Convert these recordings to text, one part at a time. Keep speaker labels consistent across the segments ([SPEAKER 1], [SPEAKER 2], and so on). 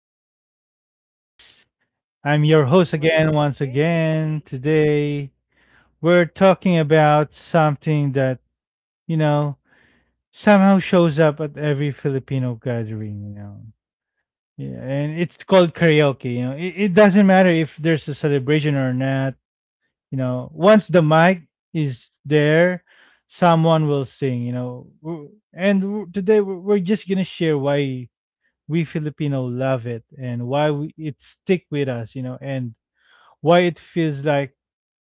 [SPEAKER 1] How are you guys? I'm your
[SPEAKER 2] Mhm,
[SPEAKER 1] host
[SPEAKER 2] we're
[SPEAKER 1] again,
[SPEAKER 2] doing
[SPEAKER 1] once
[SPEAKER 2] great.
[SPEAKER 1] again. Today, we're talking about something that, you know, somehow shows up at every Filipino gathering. Yeah, and it's called karaoke. It doesn't matter if there's a celebration or not. Once the mic is there, someone will sing. And today, we're just going to share why we Filipino love it and why we, it stick with us, and why it feels like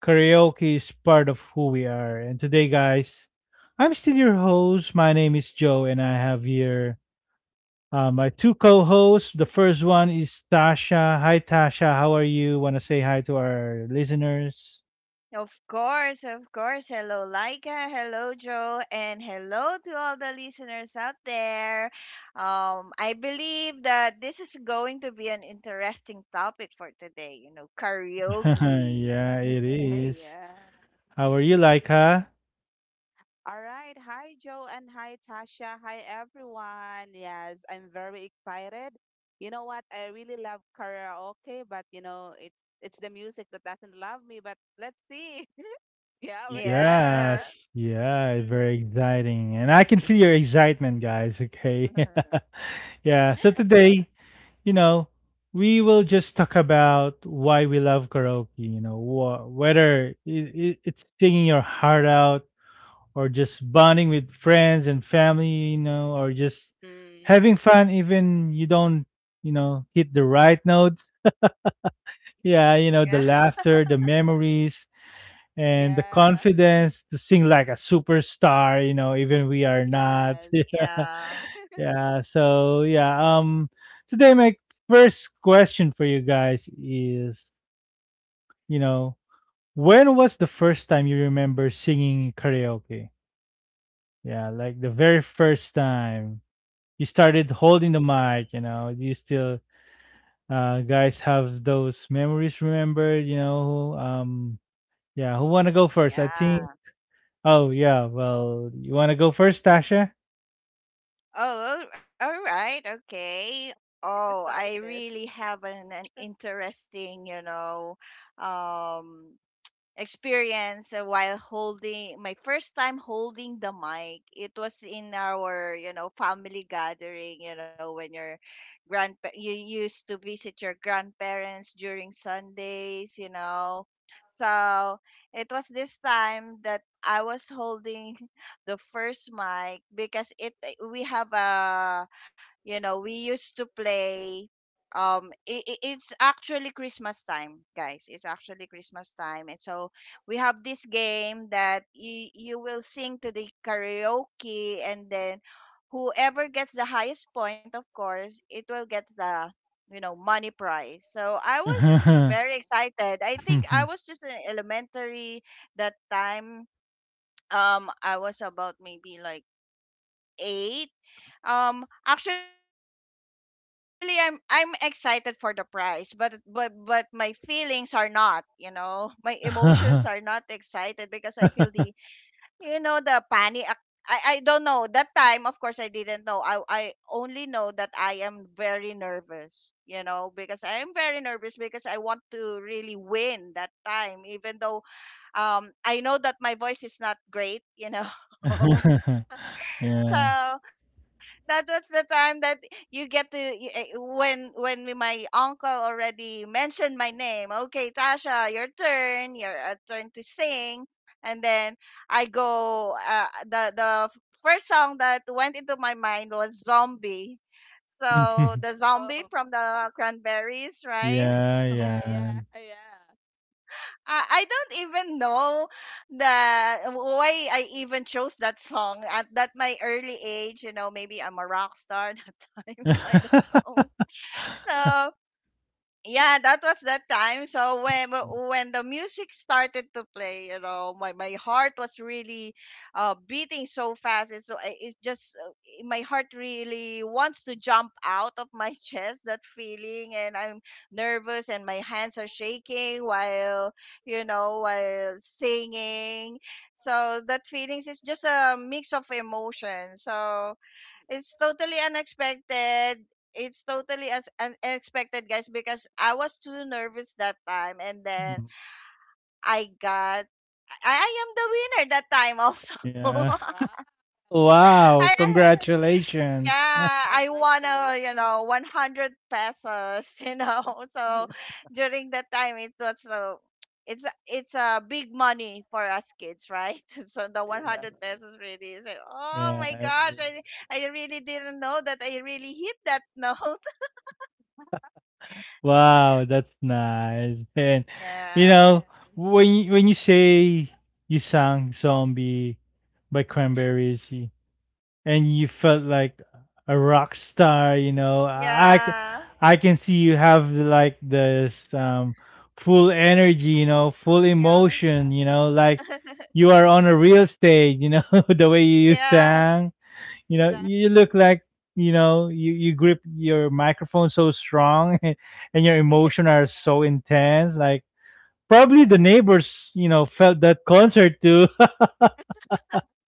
[SPEAKER 1] karaoke is part of who we are. And today, guys, I'm still your host. My name is Joe, and I have here my two co-hosts. The first one is Tasha. Hi, Tasha. How are you? Want to say hi to our listeners?
[SPEAKER 3] Of course, of course. Hello, Laika. Hello, Joe. And hello to all the listeners out there. I believe that this is going to be an interesting topic for today.
[SPEAKER 2] Mhm.
[SPEAKER 3] Karaoke.
[SPEAKER 1] Yeah, it is.
[SPEAKER 2] Yeah.
[SPEAKER 1] How are you, Laika?
[SPEAKER 2] All right. Hi, Joe, and hi, Tasha. Hi, everyone. Yes, I'm very excited. You know what? I really love karaoke, but you know, it's the music that doesn't love me. But let's see. Yeah, we're
[SPEAKER 3] Yeah.
[SPEAKER 2] excited.
[SPEAKER 1] Yes. Yeah, very exciting. And I can feel your excitement, guys, okay? Yeah, so today, you know, we will just talk about why we love karaoke, whether it's singing your heart out or just bonding with friends and family, or just
[SPEAKER 2] Hmm.
[SPEAKER 1] having fun even you don't, hit the right notes.
[SPEAKER 3] Yeah.
[SPEAKER 1] Yeah, the laughter, the memories, and the
[SPEAKER 2] Yeah.
[SPEAKER 1] confidence to sing like a superstar, even we are not.
[SPEAKER 2] Yes.
[SPEAKER 3] Yeah.
[SPEAKER 1] Yeah. Yeah. So yeah. Today my first question for you guys is, you know, when was the first time you remember singing karaoke? Yeah, like the very first time you started holding the mic, do you still guys have those memories remembered? Yeah, who wanna go first? I think
[SPEAKER 3] Yeah.
[SPEAKER 1] Oh, yeah. Well, you want to go first, Tasha?
[SPEAKER 3] Oh, all right. Okay. Oh, I
[SPEAKER 2] Excited.
[SPEAKER 3] really have an interesting, um, experience while holding my first time holding the mic. It was in our family gathering, when your grandpa, you used to visit your grandparents during Sundays so it was this time that I was holding the first mic, because it we have a, we used to play, it's actually Christmas time, guys. It's actually Christmas time. And so we have this game that you will sing to the karaoke, and then whoever gets the highest point, of course, it will get the, money prize. So I was very
[SPEAKER 2] Wow.
[SPEAKER 3] excited. I think I was just in elementary that time. I was about maybe like 8. Actually, I'm excited for the prize, but but my feelings are not, my emotions are not excited, because I feel the, the panic. Ac I don't know. That time, of course, I didn't know. I only know that I am very nervous, you know, because I am very nervous because I want to really win that time, even though I know that my voice is not great, you know. So
[SPEAKER 1] Yeah.
[SPEAKER 3] that was the time that you get to y- eh, when my uncle already mentioned my name. Okay, Tasha, your turn. Your turn to sing. And then I go, first song that went into my mind was Zombie. So the Zombie
[SPEAKER 2] Oh.
[SPEAKER 3] from the Cranberries, right?
[SPEAKER 1] Yeah,
[SPEAKER 3] So
[SPEAKER 2] Yeah. Yeah.
[SPEAKER 1] yeah.
[SPEAKER 2] Yeah.
[SPEAKER 3] I don't even know that why I even chose that song at that my early age. You know, maybe I'm a rock star that time. I don't know.
[SPEAKER 2] Yeah.
[SPEAKER 3] So yeah, that was that time. So when when the music started to play, you know, my heart was really beating so fast. It's so it's just my heart really wants to jump out of my chest. That feeling. And I'm nervous, and my hands are shaking while, while singing. So that feelings is just a mix of emotions. So it's totally unexpected. It's totally unexpected, guys, because I was too nervous that time, and then I got, I am the winner that time also.
[SPEAKER 1] Yeah.
[SPEAKER 2] Wow.
[SPEAKER 1] Wow,
[SPEAKER 3] I,
[SPEAKER 2] Uh,
[SPEAKER 1] congratulations.
[SPEAKER 3] yeah, I won a, you
[SPEAKER 2] Congratulations.
[SPEAKER 3] know, 100 pesos, you know. So during that time, it was so, it's a big money for us kids, right? So the 100 pesos really is like, oh my
[SPEAKER 1] Yeah.
[SPEAKER 3] gosh, I really didn't know that I really hit that. No.
[SPEAKER 1] Wow, that's nice. And you
[SPEAKER 3] Yeah,
[SPEAKER 1] know,
[SPEAKER 2] Yes,
[SPEAKER 1] when you say you sang "Zombie" by Cranberries, and you felt like a rock star,
[SPEAKER 3] yeah,
[SPEAKER 1] I
[SPEAKER 2] yeah,
[SPEAKER 1] can see you have like this full energy, full
[SPEAKER 3] yeah,
[SPEAKER 1] emotion,
[SPEAKER 2] yeah,
[SPEAKER 1] like you are on a real stage, the way you
[SPEAKER 3] yeah.
[SPEAKER 1] sang. You know, you look
[SPEAKER 2] exactly.
[SPEAKER 1] like you grip your microphone so strong, and your emotion are so
[SPEAKER 2] Yeah,
[SPEAKER 1] intense. Like
[SPEAKER 2] yeah,
[SPEAKER 1] probably the neighbors, felt that concert too.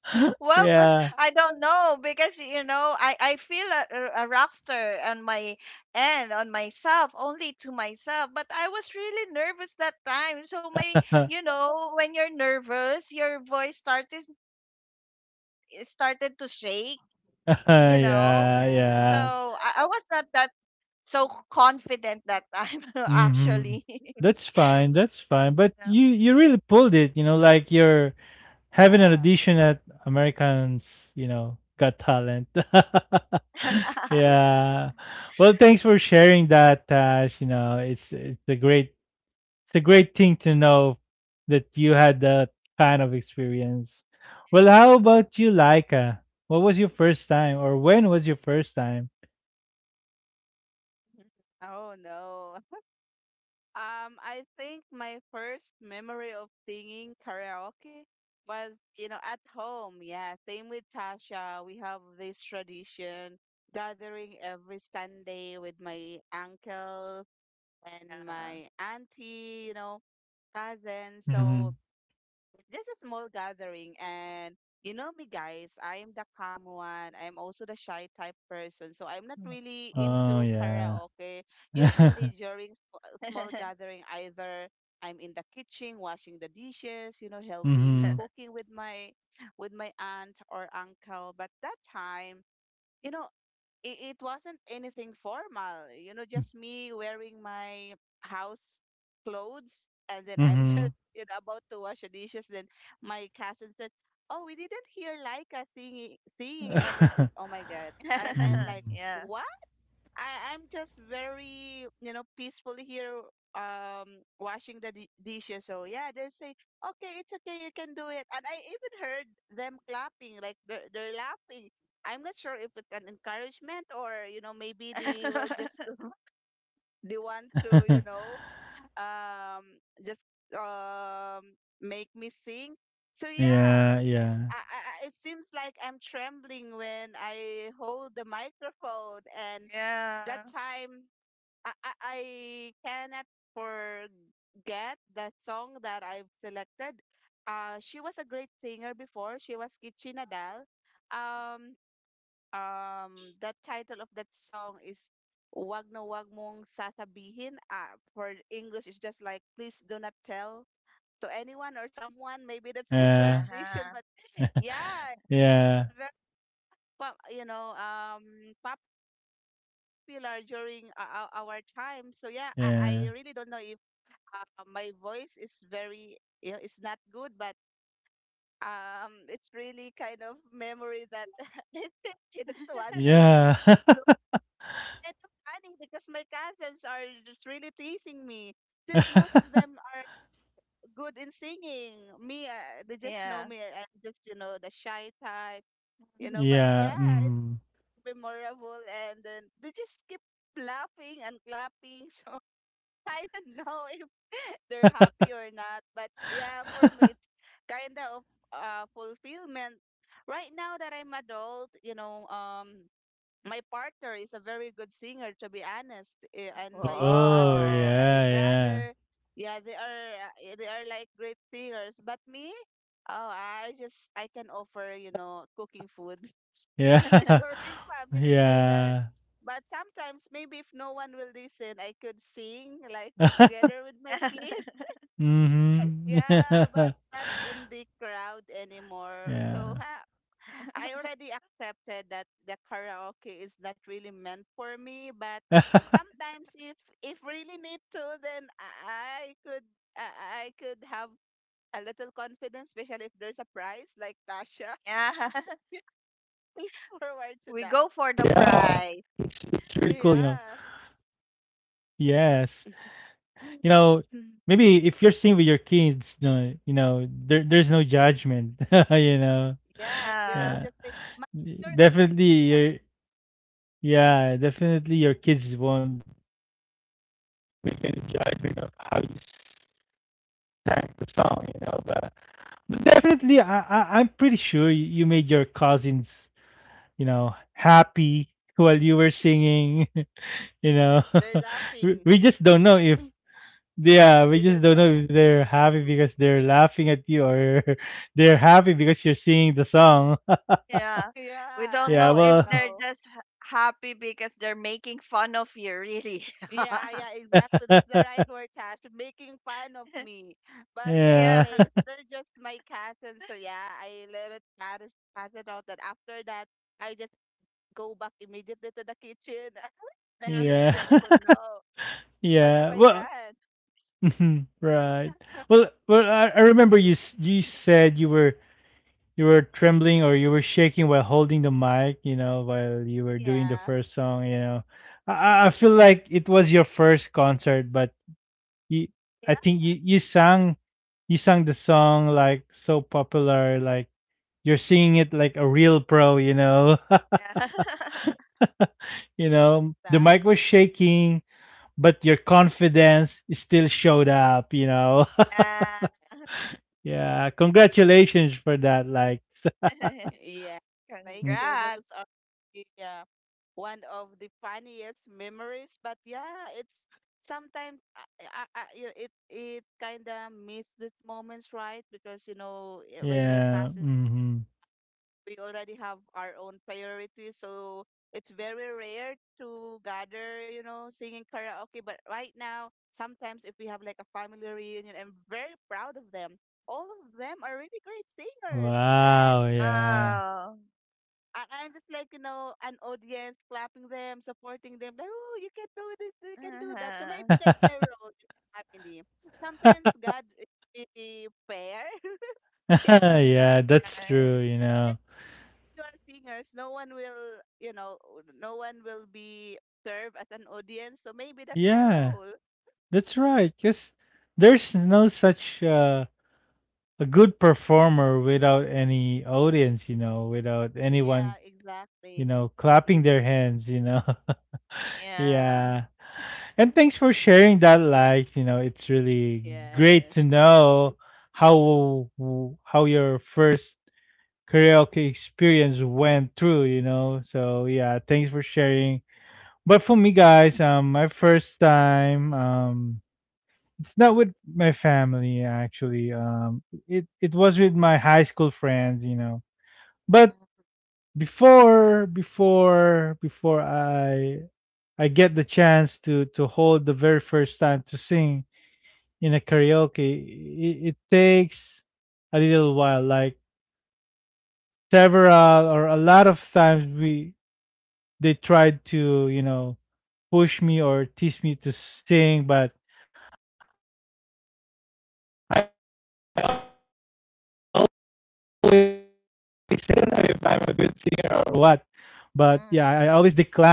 [SPEAKER 3] Well,
[SPEAKER 1] Yeah.
[SPEAKER 3] I don't know, because you know I feel a, a rock star on my end, on myself, only to myself. But I was really nervous that time. So my,
[SPEAKER 1] Yeah,
[SPEAKER 3] you know, when you're nervous, your voice started to shake. You know, so I,
[SPEAKER 2] yeah,
[SPEAKER 3] I was
[SPEAKER 1] yeah.
[SPEAKER 3] not that so confident that time actually. You
[SPEAKER 1] Hmm.
[SPEAKER 2] mhm.
[SPEAKER 1] That's fine. That's
[SPEAKER 3] know?
[SPEAKER 1] fine. But you really pulled it. You know, like your. Having an
[SPEAKER 2] Yeah,
[SPEAKER 1] audition at Americans, Got Talent. Yeah.
[SPEAKER 2] yeah.
[SPEAKER 1] Well, thanks for sharing that, Tash. You know, it's a great thing to know that you had that kind of experience. Well, how about you, Laika? What was your first time,
[SPEAKER 2] Mhm.
[SPEAKER 1] or when was your first time?
[SPEAKER 2] Oh no. I think my first memory of singing karaoke was at home. Yeah, same with Tasha. We have this tradition gathering every Sunday with my uncles and
[SPEAKER 3] Yeah.
[SPEAKER 2] my auntie cousins. So
[SPEAKER 1] Hmm.
[SPEAKER 2] it's just a small gathering, and you know me, guys. I'm the calm one, I'm also the shy type person, so I'm not really
[SPEAKER 1] Oh
[SPEAKER 2] into
[SPEAKER 1] yeah.
[SPEAKER 2] karaoke. Usually during small gathering, either I'm in the kitchen washing the dishes, helping
[SPEAKER 1] Mm-hmm.
[SPEAKER 2] cooking with my aunt or uncle. But that time, you know, it wasn't anything formal, just me wearing my house clothes. And then I'm
[SPEAKER 1] Mm-hmm.
[SPEAKER 2] just, about to wash the dishes. Then my cousin said, "Oh, we didn't hear Laika singing ever since. Oh my God." I'm and like,
[SPEAKER 1] Mm-hmm.
[SPEAKER 3] Yeah.
[SPEAKER 2] what? I'm just very, peaceful here, washing the di dishes. So yeah, they say, okay, it's okay, you can do it. And I even heard them clapping, like they're laughing. I'm not sure if it's an encouragement or, maybe they will just they want to, just um make me sing. So yeah.
[SPEAKER 1] Yeah,
[SPEAKER 2] I,
[SPEAKER 1] yeah.
[SPEAKER 2] I, I- it seems like I'm trembling when I hold the microphone, and that
[SPEAKER 3] Yeah.
[SPEAKER 2] time I cannot forget that song that I've selected. She was a great singer before. She was Kitchi Nadal. Um, the title of that song is Wag na Wag Mong Sasabihin. For English, it's just like "Please Do Not Tell to Anyone or Someone." Maybe that's the
[SPEAKER 1] Uh,
[SPEAKER 2] translation,
[SPEAKER 3] Uh-huh.
[SPEAKER 2] but yeah, it was
[SPEAKER 1] Yeah,
[SPEAKER 2] very pop, you know, um, popular during our time. So yeah, I really don't know if
[SPEAKER 1] yeah,
[SPEAKER 2] my voice is very yeah, it's not good, but it's really kind of memory that I think I don't want to
[SPEAKER 1] yeah.
[SPEAKER 2] look kind of funny because my cousins are just really teasing me, since most of them are good in singing. Me, they just know
[SPEAKER 3] Yeah.
[SPEAKER 2] me, I'm just the shy type, you know. But
[SPEAKER 1] Yeah,
[SPEAKER 2] yeah, it's
[SPEAKER 1] mhm.
[SPEAKER 2] memorable, and then they just keep laughing and clapping. So I don't know if they're happy or not, but yeah, for me, it's kind of fulfillment. Right now that I'm adult, my partner is a very good singer, to be honest, eh, and my
[SPEAKER 1] Oh,
[SPEAKER 2] mother,
[SPEAKER 3] Whoa.
[SPEAKER 2] my
[SPEAKER 1] yeah, yeah,
[SPEAKER 2] brother, yeah, they are like great singers. But me, oh, I can offer, cooking food.
[SPEAKER 1] yeah,
[SPEAKER 2] During family dinner.
[SPEAKER 1] yeah.
[SPEAKER 2] But sometimes, maybe if no one will listen, I could sing like together with my kids.
[SPEAKER 1] Mhm,
[SPEAKER 2] Yeah, but
[SPEAKER 1] yeah,
[SPEAKER 2] not in the crowd anymore. So
[SPEAKER 1] yeah.
[SPEAKER 2] ha, I already accepted that the karaoke is not really meant for me. But sometimes, if really need to, then I I could have a little confidence, especially if there's a prize like Tasha.
[SPEAKER 3] Yeah.
[SPEAKER 2] Look
[SPEAKER 1] Yeah,
[SPEAKER 2] forward to
[SPEAKER 1] it's
[SPEAKER 3] We
[SPEAKER 2] that.
[SPEAKER 3] go
[SPEAKER 1] it's really
[SPEAKER 3] for the
[SPEAKER 1] cool.
[SPEAKER 3] prize.
[SPEAKER 2] Yeah.
[SPEAKER 1] Yes. You know,
[SPEAKER 2] Mm.
[SPEAKER 1] maybe if you're seeing with your kids, no, there's no judgment, you know.
[SPEAKER 2] Yes, they will
[SPEAKER 3] Yeah.
[SPEAKER 1] Yeah.
[SPEAKER 2] just say, "Ma, you're a
[SPEAKER 1] Definitely
[SPEAKER 2] winner."
[SPEAKER 1] your yeah, definitely your kids won't
[SPEAKER 2] Yeah,
[SPEAKER 1] song. But definitely, I'm pretty sure you made your cousins, happy while you were singing. you know,
[SPEAKER 2] they're
[SPEAKER 1] we,
[SPEAKER 2] laughing.
[SPEAKER 1] we just don't know if yeah, we
[SPEAKER 2] They
[SPEAKER 1] just
[SPEAKER 2] don't
[SPEAKER 1] don't
[SPEAKER 2] know.
[SPEAKER 1] know if they're happy because they're laughing at you or they're happy because you're singing the song.
[SPEAKER 3] Yeah.
[SPEAKER 2] Yeah,
[SPEAKER 3] We don't
[SPEAKER 1] Yeah,
[SPEAKER 2] I
[SPEAKER 3] know if
[SPEAKER 2] don't
[SPEAKER 1] well,
[SPEAKER 3] they're
[SPEAKER 2] know.
[SPEAKER 3] just happy because they're making fun of you, really.
[SPEAKER 2] Yeah, yeah, exactly. That's the right word, Cash. Making fun of me. But
[SPEAKER 3] Yeah.
[SPEAKER 1] yeah,
[SPEAKER 2] anyways, they're just my cousins. So yeah, I let it pass it pass it out. That after that, I just go back immediately to the kitchen. I'm
[SPEAKER 3] Mm.
[SPEAKER 2] just
[SPEAKER 1] yeah,
[SPEAKER 2] like, oh no, what
[SPEAKER 1] yeah.
[SPEAKER 2] have I
[SPEAKER 1] Well,
[SPEAKER 2] done?
[SPEAKER 1] right. Well, I remember you you said you were trembling or you were shaking while holding the mic, while you were doing the
[SPEAKER 2] Yeah,
[SPEAKER 1] first song. I feel like it was your first concert, but you, I
[SPEAKER 2] yeah,
[SPEAKER 1] think you sang the song like so popular, like you're singing it like a real pro,
[SPEAKER 3] Yeah.
[SPEAKER 2] yeah,
[SPEAKER 1] the
[SPEAKER 2] exactly.
[SPEAKER 1] mic was shaking, but your confidence still showed up,
[SPEAKER 3] Yeah.
[SPEAKER 1] Yeah, congratulations for that. Like,
[SPEAKER 2] Yeah, thank
[SPEAKER 1] mm,
[SPEAKER 2] you.
[SPEAKER 3] Congrats.
[SPEAKER 2] Those are, yeah, one of the funniest memories. But yeah, it's sometimes I, you- it kind of miss these moments, right? Because when your
[SPEAKER 1] yeah.
[SPEAKER 2] cousin,
[SPEAKER 1] Mhm.
[SPEAKER 2] we already have our own priorities, so it's very rare to gather, singing karaoke. But right now, sometimes if we have like a family reunion, I'm very proud of them. All of them are really great singers.
[SPEAKER 1] Wow, yeah.
[SPEAKER 3] Oh.
[SPEAKER 2] I'm just like, an audience clapping them, supporting them, like, oh, you can do this, you can do that. So
[SPEAKER 3] Uh-huh.
[SPEAKER 2] maybe that's my role in the family. Sometimes God is really fair. Yeah,
[SPEAKER 3] Mhm.
[SPEAKER 2] because
[SPEAKER 1] Yeah, that's
[SPEAKER 3] Yeah.
[SPEAKER 1] true,
[SPEAKER 2] if you are singers, no one will, be served as an audience. So maybe that's my
[SPEAKER 1] Yeah,
[SPEAKER 2] role.
[SPEAKER 1] that's
[SPEAKER 3] Mm-hmm.
[SPEAKER 1] right. Cause there's no such a good performer without any audience, without anyone,
[SPEAKER 2] Yeah, exactly.
[SPEAKER 1] clapping their hands,
[SPEAKER 3] Yeah.
[SPEAKER 1] Yeah. And thanks for sharing that life, It's really great
[SPEAKER 2] Yeah.
[SPEAKER 1] to know how how your first karaoke experience went through, So, yeah, thanks for sharing. But for me,
[SPEAKER 2] Mhm.
[SPEAKER 1] guys, my first time, it's not with my family actually. It was with my high school friends, But, before, before, before I, I get the chance to hold the very first time to sing in a karaoke, it takes a little while, like several or a lot of times we they tried to push me or teach me to sing, but or what. But yeah, I always
[SPEAKER 3] Mm,
[SPEAKER 1] decline to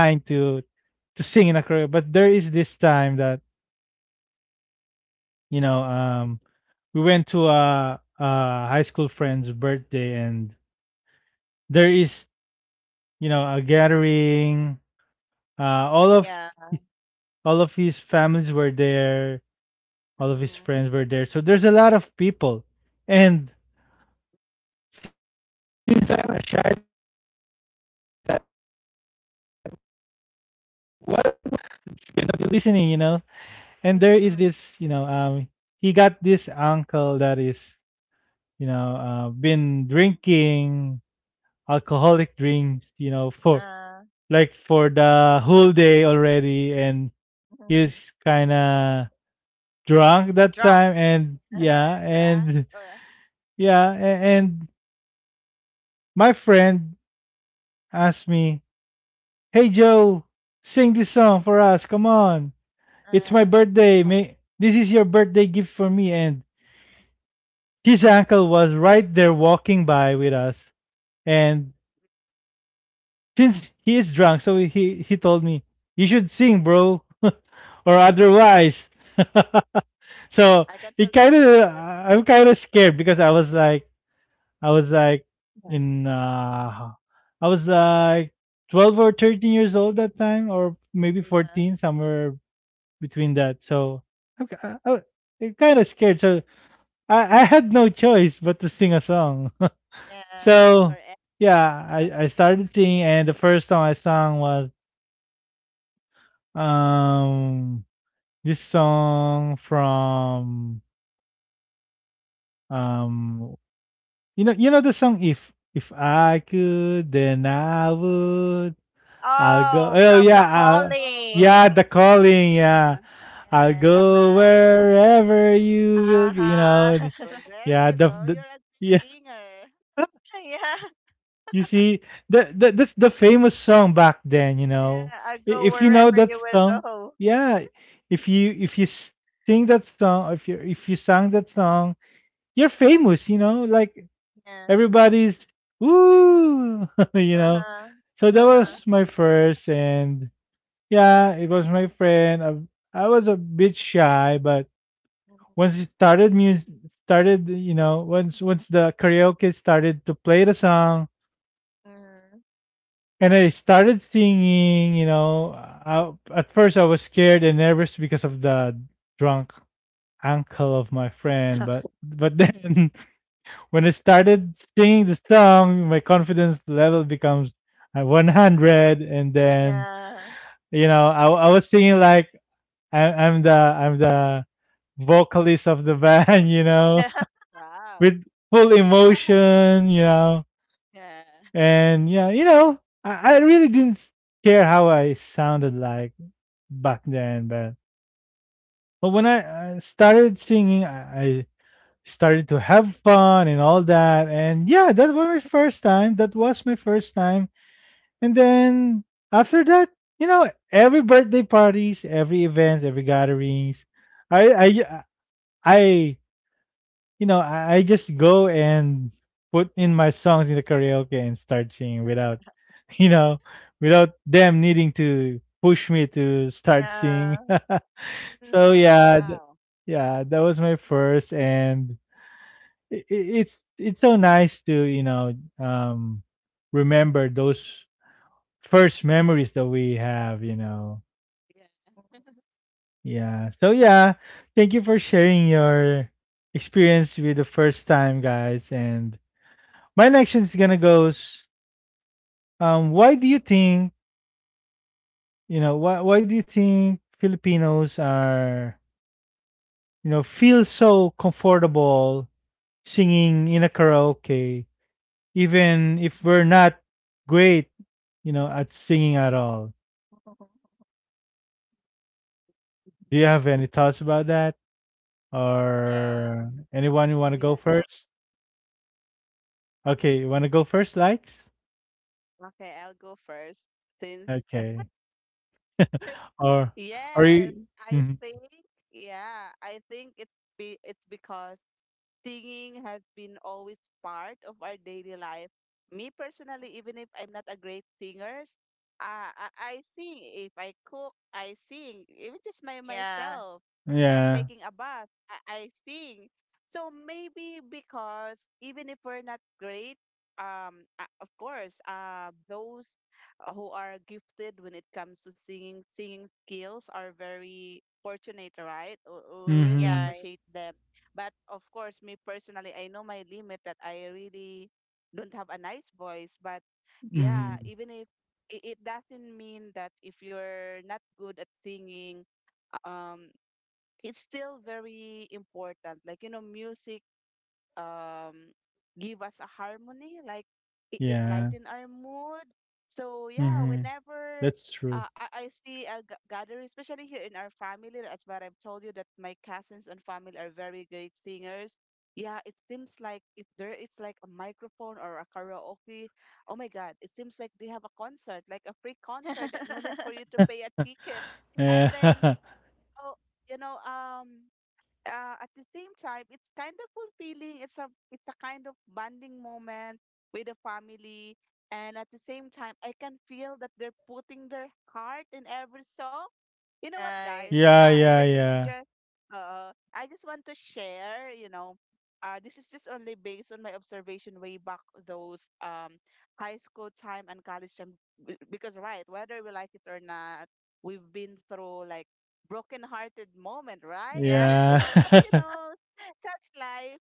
[SPEAKER 1] sing in a career. But there is this time that you know, um, we went to a high school friend's birthday, and there is a gathering. All of
[SPEAKER 3] yeah.
[SPEAKER 1] all of his families were there. All of his
[SPEAKER 3] Mm,
[SPEAKER 1] friends were there. So there's a lot of people, and since I'm a shy type, what you know, a lot of people is gonna be listening. And there is this
[SPEAKER 3] mm,
[SPEAKER 1] he got this uncle that is been drinking alcoholic drinks for
[SPEAKER 3] uh,
[SPEAKER 1] like for the whole day already, and he's kind of drunk that
[SPEAKER 3] drunk.
[SPEAKER 1] time. And yeah
[SPEAKER 2] Yeah, drunk.
[SPEAKER 1] and
[SPEAKER 2] Oh, yeah.
[SPEAKER 1] yeah a- and my friend asked me, "Hey, Joe, sing this song for us, come on, it's my
[SPEAKER 3] Uh,
[SPEAKER 1] birthday, may this is your birthday gift for me." And his uncle was right there walking by with us. And since he is drunk, so he told me, "You should sing, bro, or
[SPEAKER 3] mm,
[SPEAKER 1] otherwise." So
[SPEAKER 2] I can feel
[SPEAKER 1] it kind of,
[SPEAKER 2] pressure.
[SPEAKER 1] I'm kind of scared because I was like
[SPEAKER 2] Yeah.
[SPEAKER 1] in, uh, I was like 12 or 13 years old that time, or maybe
[SPEAKER 2] Mm.
[SPEAKER 1] 14,
[SPEAKER 3] uh,
[SPEAKER 1] somewhere between that. So I'm, I am kind of scared. So I had no choice but to sing a song.
[SPEAKER 3] yeah.
[SPEAKER 2] Yes, or
[SPEAKER 1] So
[SPEAKER 2] e-
[SPEAKER 1] yeah, I, I started singing and the first song I sang was um this song from um you know the song, if I could then I would,
[SPEAKER 2] Yes,
[SPEAKER 1] I'll go
[SPEAKER 3] Oh,
[SPEAKER 1] oh
[SPEAKER 2] that's
[SPEAKER 3] from
[SPEAKER 2] the
[SPEAKER 1] yeah
[SPEAKER 3] the
[SPEAKER 2] nice
[SPEAKER 1] I'll,
[SPEAKER 2] song.
[SPEAKER 1] yeah
[SPEAKER 2] Oh,
[SPEAKER 1] the
[SPEAKER 3] Calling.
[SPEAKER 1] calling yeah,
[SPEAKER 2] yeah.
[SPEAKER 1] I'll
[SPEAKER 3] Yeah, the
[SPEAKER 2] Oh,
[SPEAKER 1] go
[SPEAKER 3] band.
[SPEAKER 1] wherever you will
[SPEAKER 3] Aha.
[SPEAKER 2] well, there
[SPEAKER 1] yeah
[SPEAKER 2] you go. You're a good
[SPEAKER 1] the
[SPEAKER 2] singer.
[SPEAKER 3] Yeah.
[SPEAKER 1] you see, that's the famous song back then,
[SPEAKER 3] Yeah. I
[SPEAKER 1] I-
[SPEAKER 3] go
[SPEAKER 1] If you know
[SPEAKER 3] wherever
[SPEAKER 1] that
[SPEAKER 3] you will
[SPEAKER 1] song,
[SPEAKER 3] go.
[SPEAKER 1] yeah, if you sing that song, if you sang that song, you're famous, Like
[SPEAKER 3] Yeah.
[SPEAKER 1] everybody's ooh, you
[SPEAKER 3] Uh
[SPEAKER 1] know.
[SPEAKER 3] huh.
[SPEAKER 1] So that
[SPEAKER 3] Uh huh.
[SPEAKER 1] was my first, and yeah, it was my friend. I was a bit shy, but once it started music, started once the karaoke started to play the song.
[SPEAKER 3] Mm.
[SPEAKER 1] And I started singing, at first, I was scared and nervous because of the drunk uncle of my friend. But but then, when I started singing the song, my confidence level becomes at 100. And then,
[SPEAKER 3] Yeah.
[SPEAKER 2] Yeah.
[SPEAKER 1] I was singing like I'm the vocalist of the band,
[SPEAKER 3] Yeah.
[SPEAKER 2] Wow.
[SPEAKER 1] with full emotion,
[SPEAKER 2] Yeah.
[SPEAKER 1] And yeah, I really didn't care how I sounded like back then. But when I started singing, I started to have fun and all that. And yeah, that was my first time. That was my first time. And then after that, every birthday parties, every events, every gatherings, I I I you know I just go and put in my songs in the karaoke and start singing without you know without them needing to push me to start singing.
[SPEAKER 3] Yeah.
[SPEAKER 1] So
[SPEAKER 2] Oh,
[SPEAKER 1] yeah.
[SPEAKER 2] wow.
[SPEAKER 1] Yeah, that was my first, and I it's so nice to um, remember those first memories that we have.
[SPEAKER 2] Yeah.
[SPEAKER 1] Yeah. So yeah, thank you for sharing your experience with the first time, guys. And my next is gonna
[SPEAKER 2] Correct.
[SPEAKER 1] goes. Why do you think you know why do you think Filipinos are feel so comfortable singing in a karaoke? Even if we're not great, at singing at all. Do you
[SPEAKER 2] Mhm.
[SPEAKER 1] have any thoughts about that?
[SPEAKER 3] Yeah.
[SPEAKER 1] Or anyone you want to go
[SPEAKER 2] Yeah. Ho-
[SPEAKER 1] first? Okay, you want to go first, likes?
[SPEAKER 2] okay, I'll go first since
[SPEAKER 1] Okay. Or are
[SPEAKER 2] yes,
[SPEAKER 1] you?
[SPEAKER 2] I
[SPEAKER 1] Hmm.
[SPEAKER 2] think yeah, I think it's be it's because singing has been always part of our daily life. Me personally, even if I'm not a great singer, uh, I, I sing. If I cook, I sing. Even just my
[SPEAKER 3] Yeah.
[SPEAKER 2] myself,
[SPEAKER 1] Yeah.
[SPEAKER 2] taking a bath, I sing. So maybe because even if we're not great, of course, those who are gifted when it comes to singing skills are very fortunate, right? We really
[SPEAKER 1] Mm-hmm.
[SPEAKER 3] Yeah.
[SPEAKER 2] appreciate them, but of course, me personally, I know my limit that I really don't have a nice voice. But yeah,
[SPEAKER 1] Mm-hmm.
[SPEAKER 2] even if it doesn't mean that if you're not good at singing, um, it's still very important. Like, music um give us a harmony, like it
[SPEAKER 1] Yeah.
[SPEAKER 2] lighten our mood. So yeah,
[SPEAKER 1] Mm-hmm.
[SPEAKER 2] whenever
[SPEAKER 1] That's true.
[SPEAKER 2] I see a gathering, especially here in our family, as what I've told you, that my cousins and family are very great singers. Yeah, it seems like if there is like a microphone or a karaoke, oh my god, it seems like they have a concert, like a free concert that no need for you to pay a ticket. And then,
[SPEAKER 1] Yeah.
[SPEAKER 2] oh, you know um at the same time, it's kind of fulfilling. It's a kind of bonding moment with the family, and at the same time, I can feel that they're putting their heart in every song. You know what,
[SPEAKER 3] Right.
[SPEAKER 2] guys?
[SPEAKER 1] Yeah. Yeah.
[SPEAKER 2] Just I just want to share. This is just only based on my observation way back those high school time and college time, because right, whether we like it or not, we've been through like broken-hearted moment, right?
[SPEAKER 3] Yeah.
[SPEAKER 2] Like,
[SPEAKER 1] Yeah.
[SPEAKER 2] such life.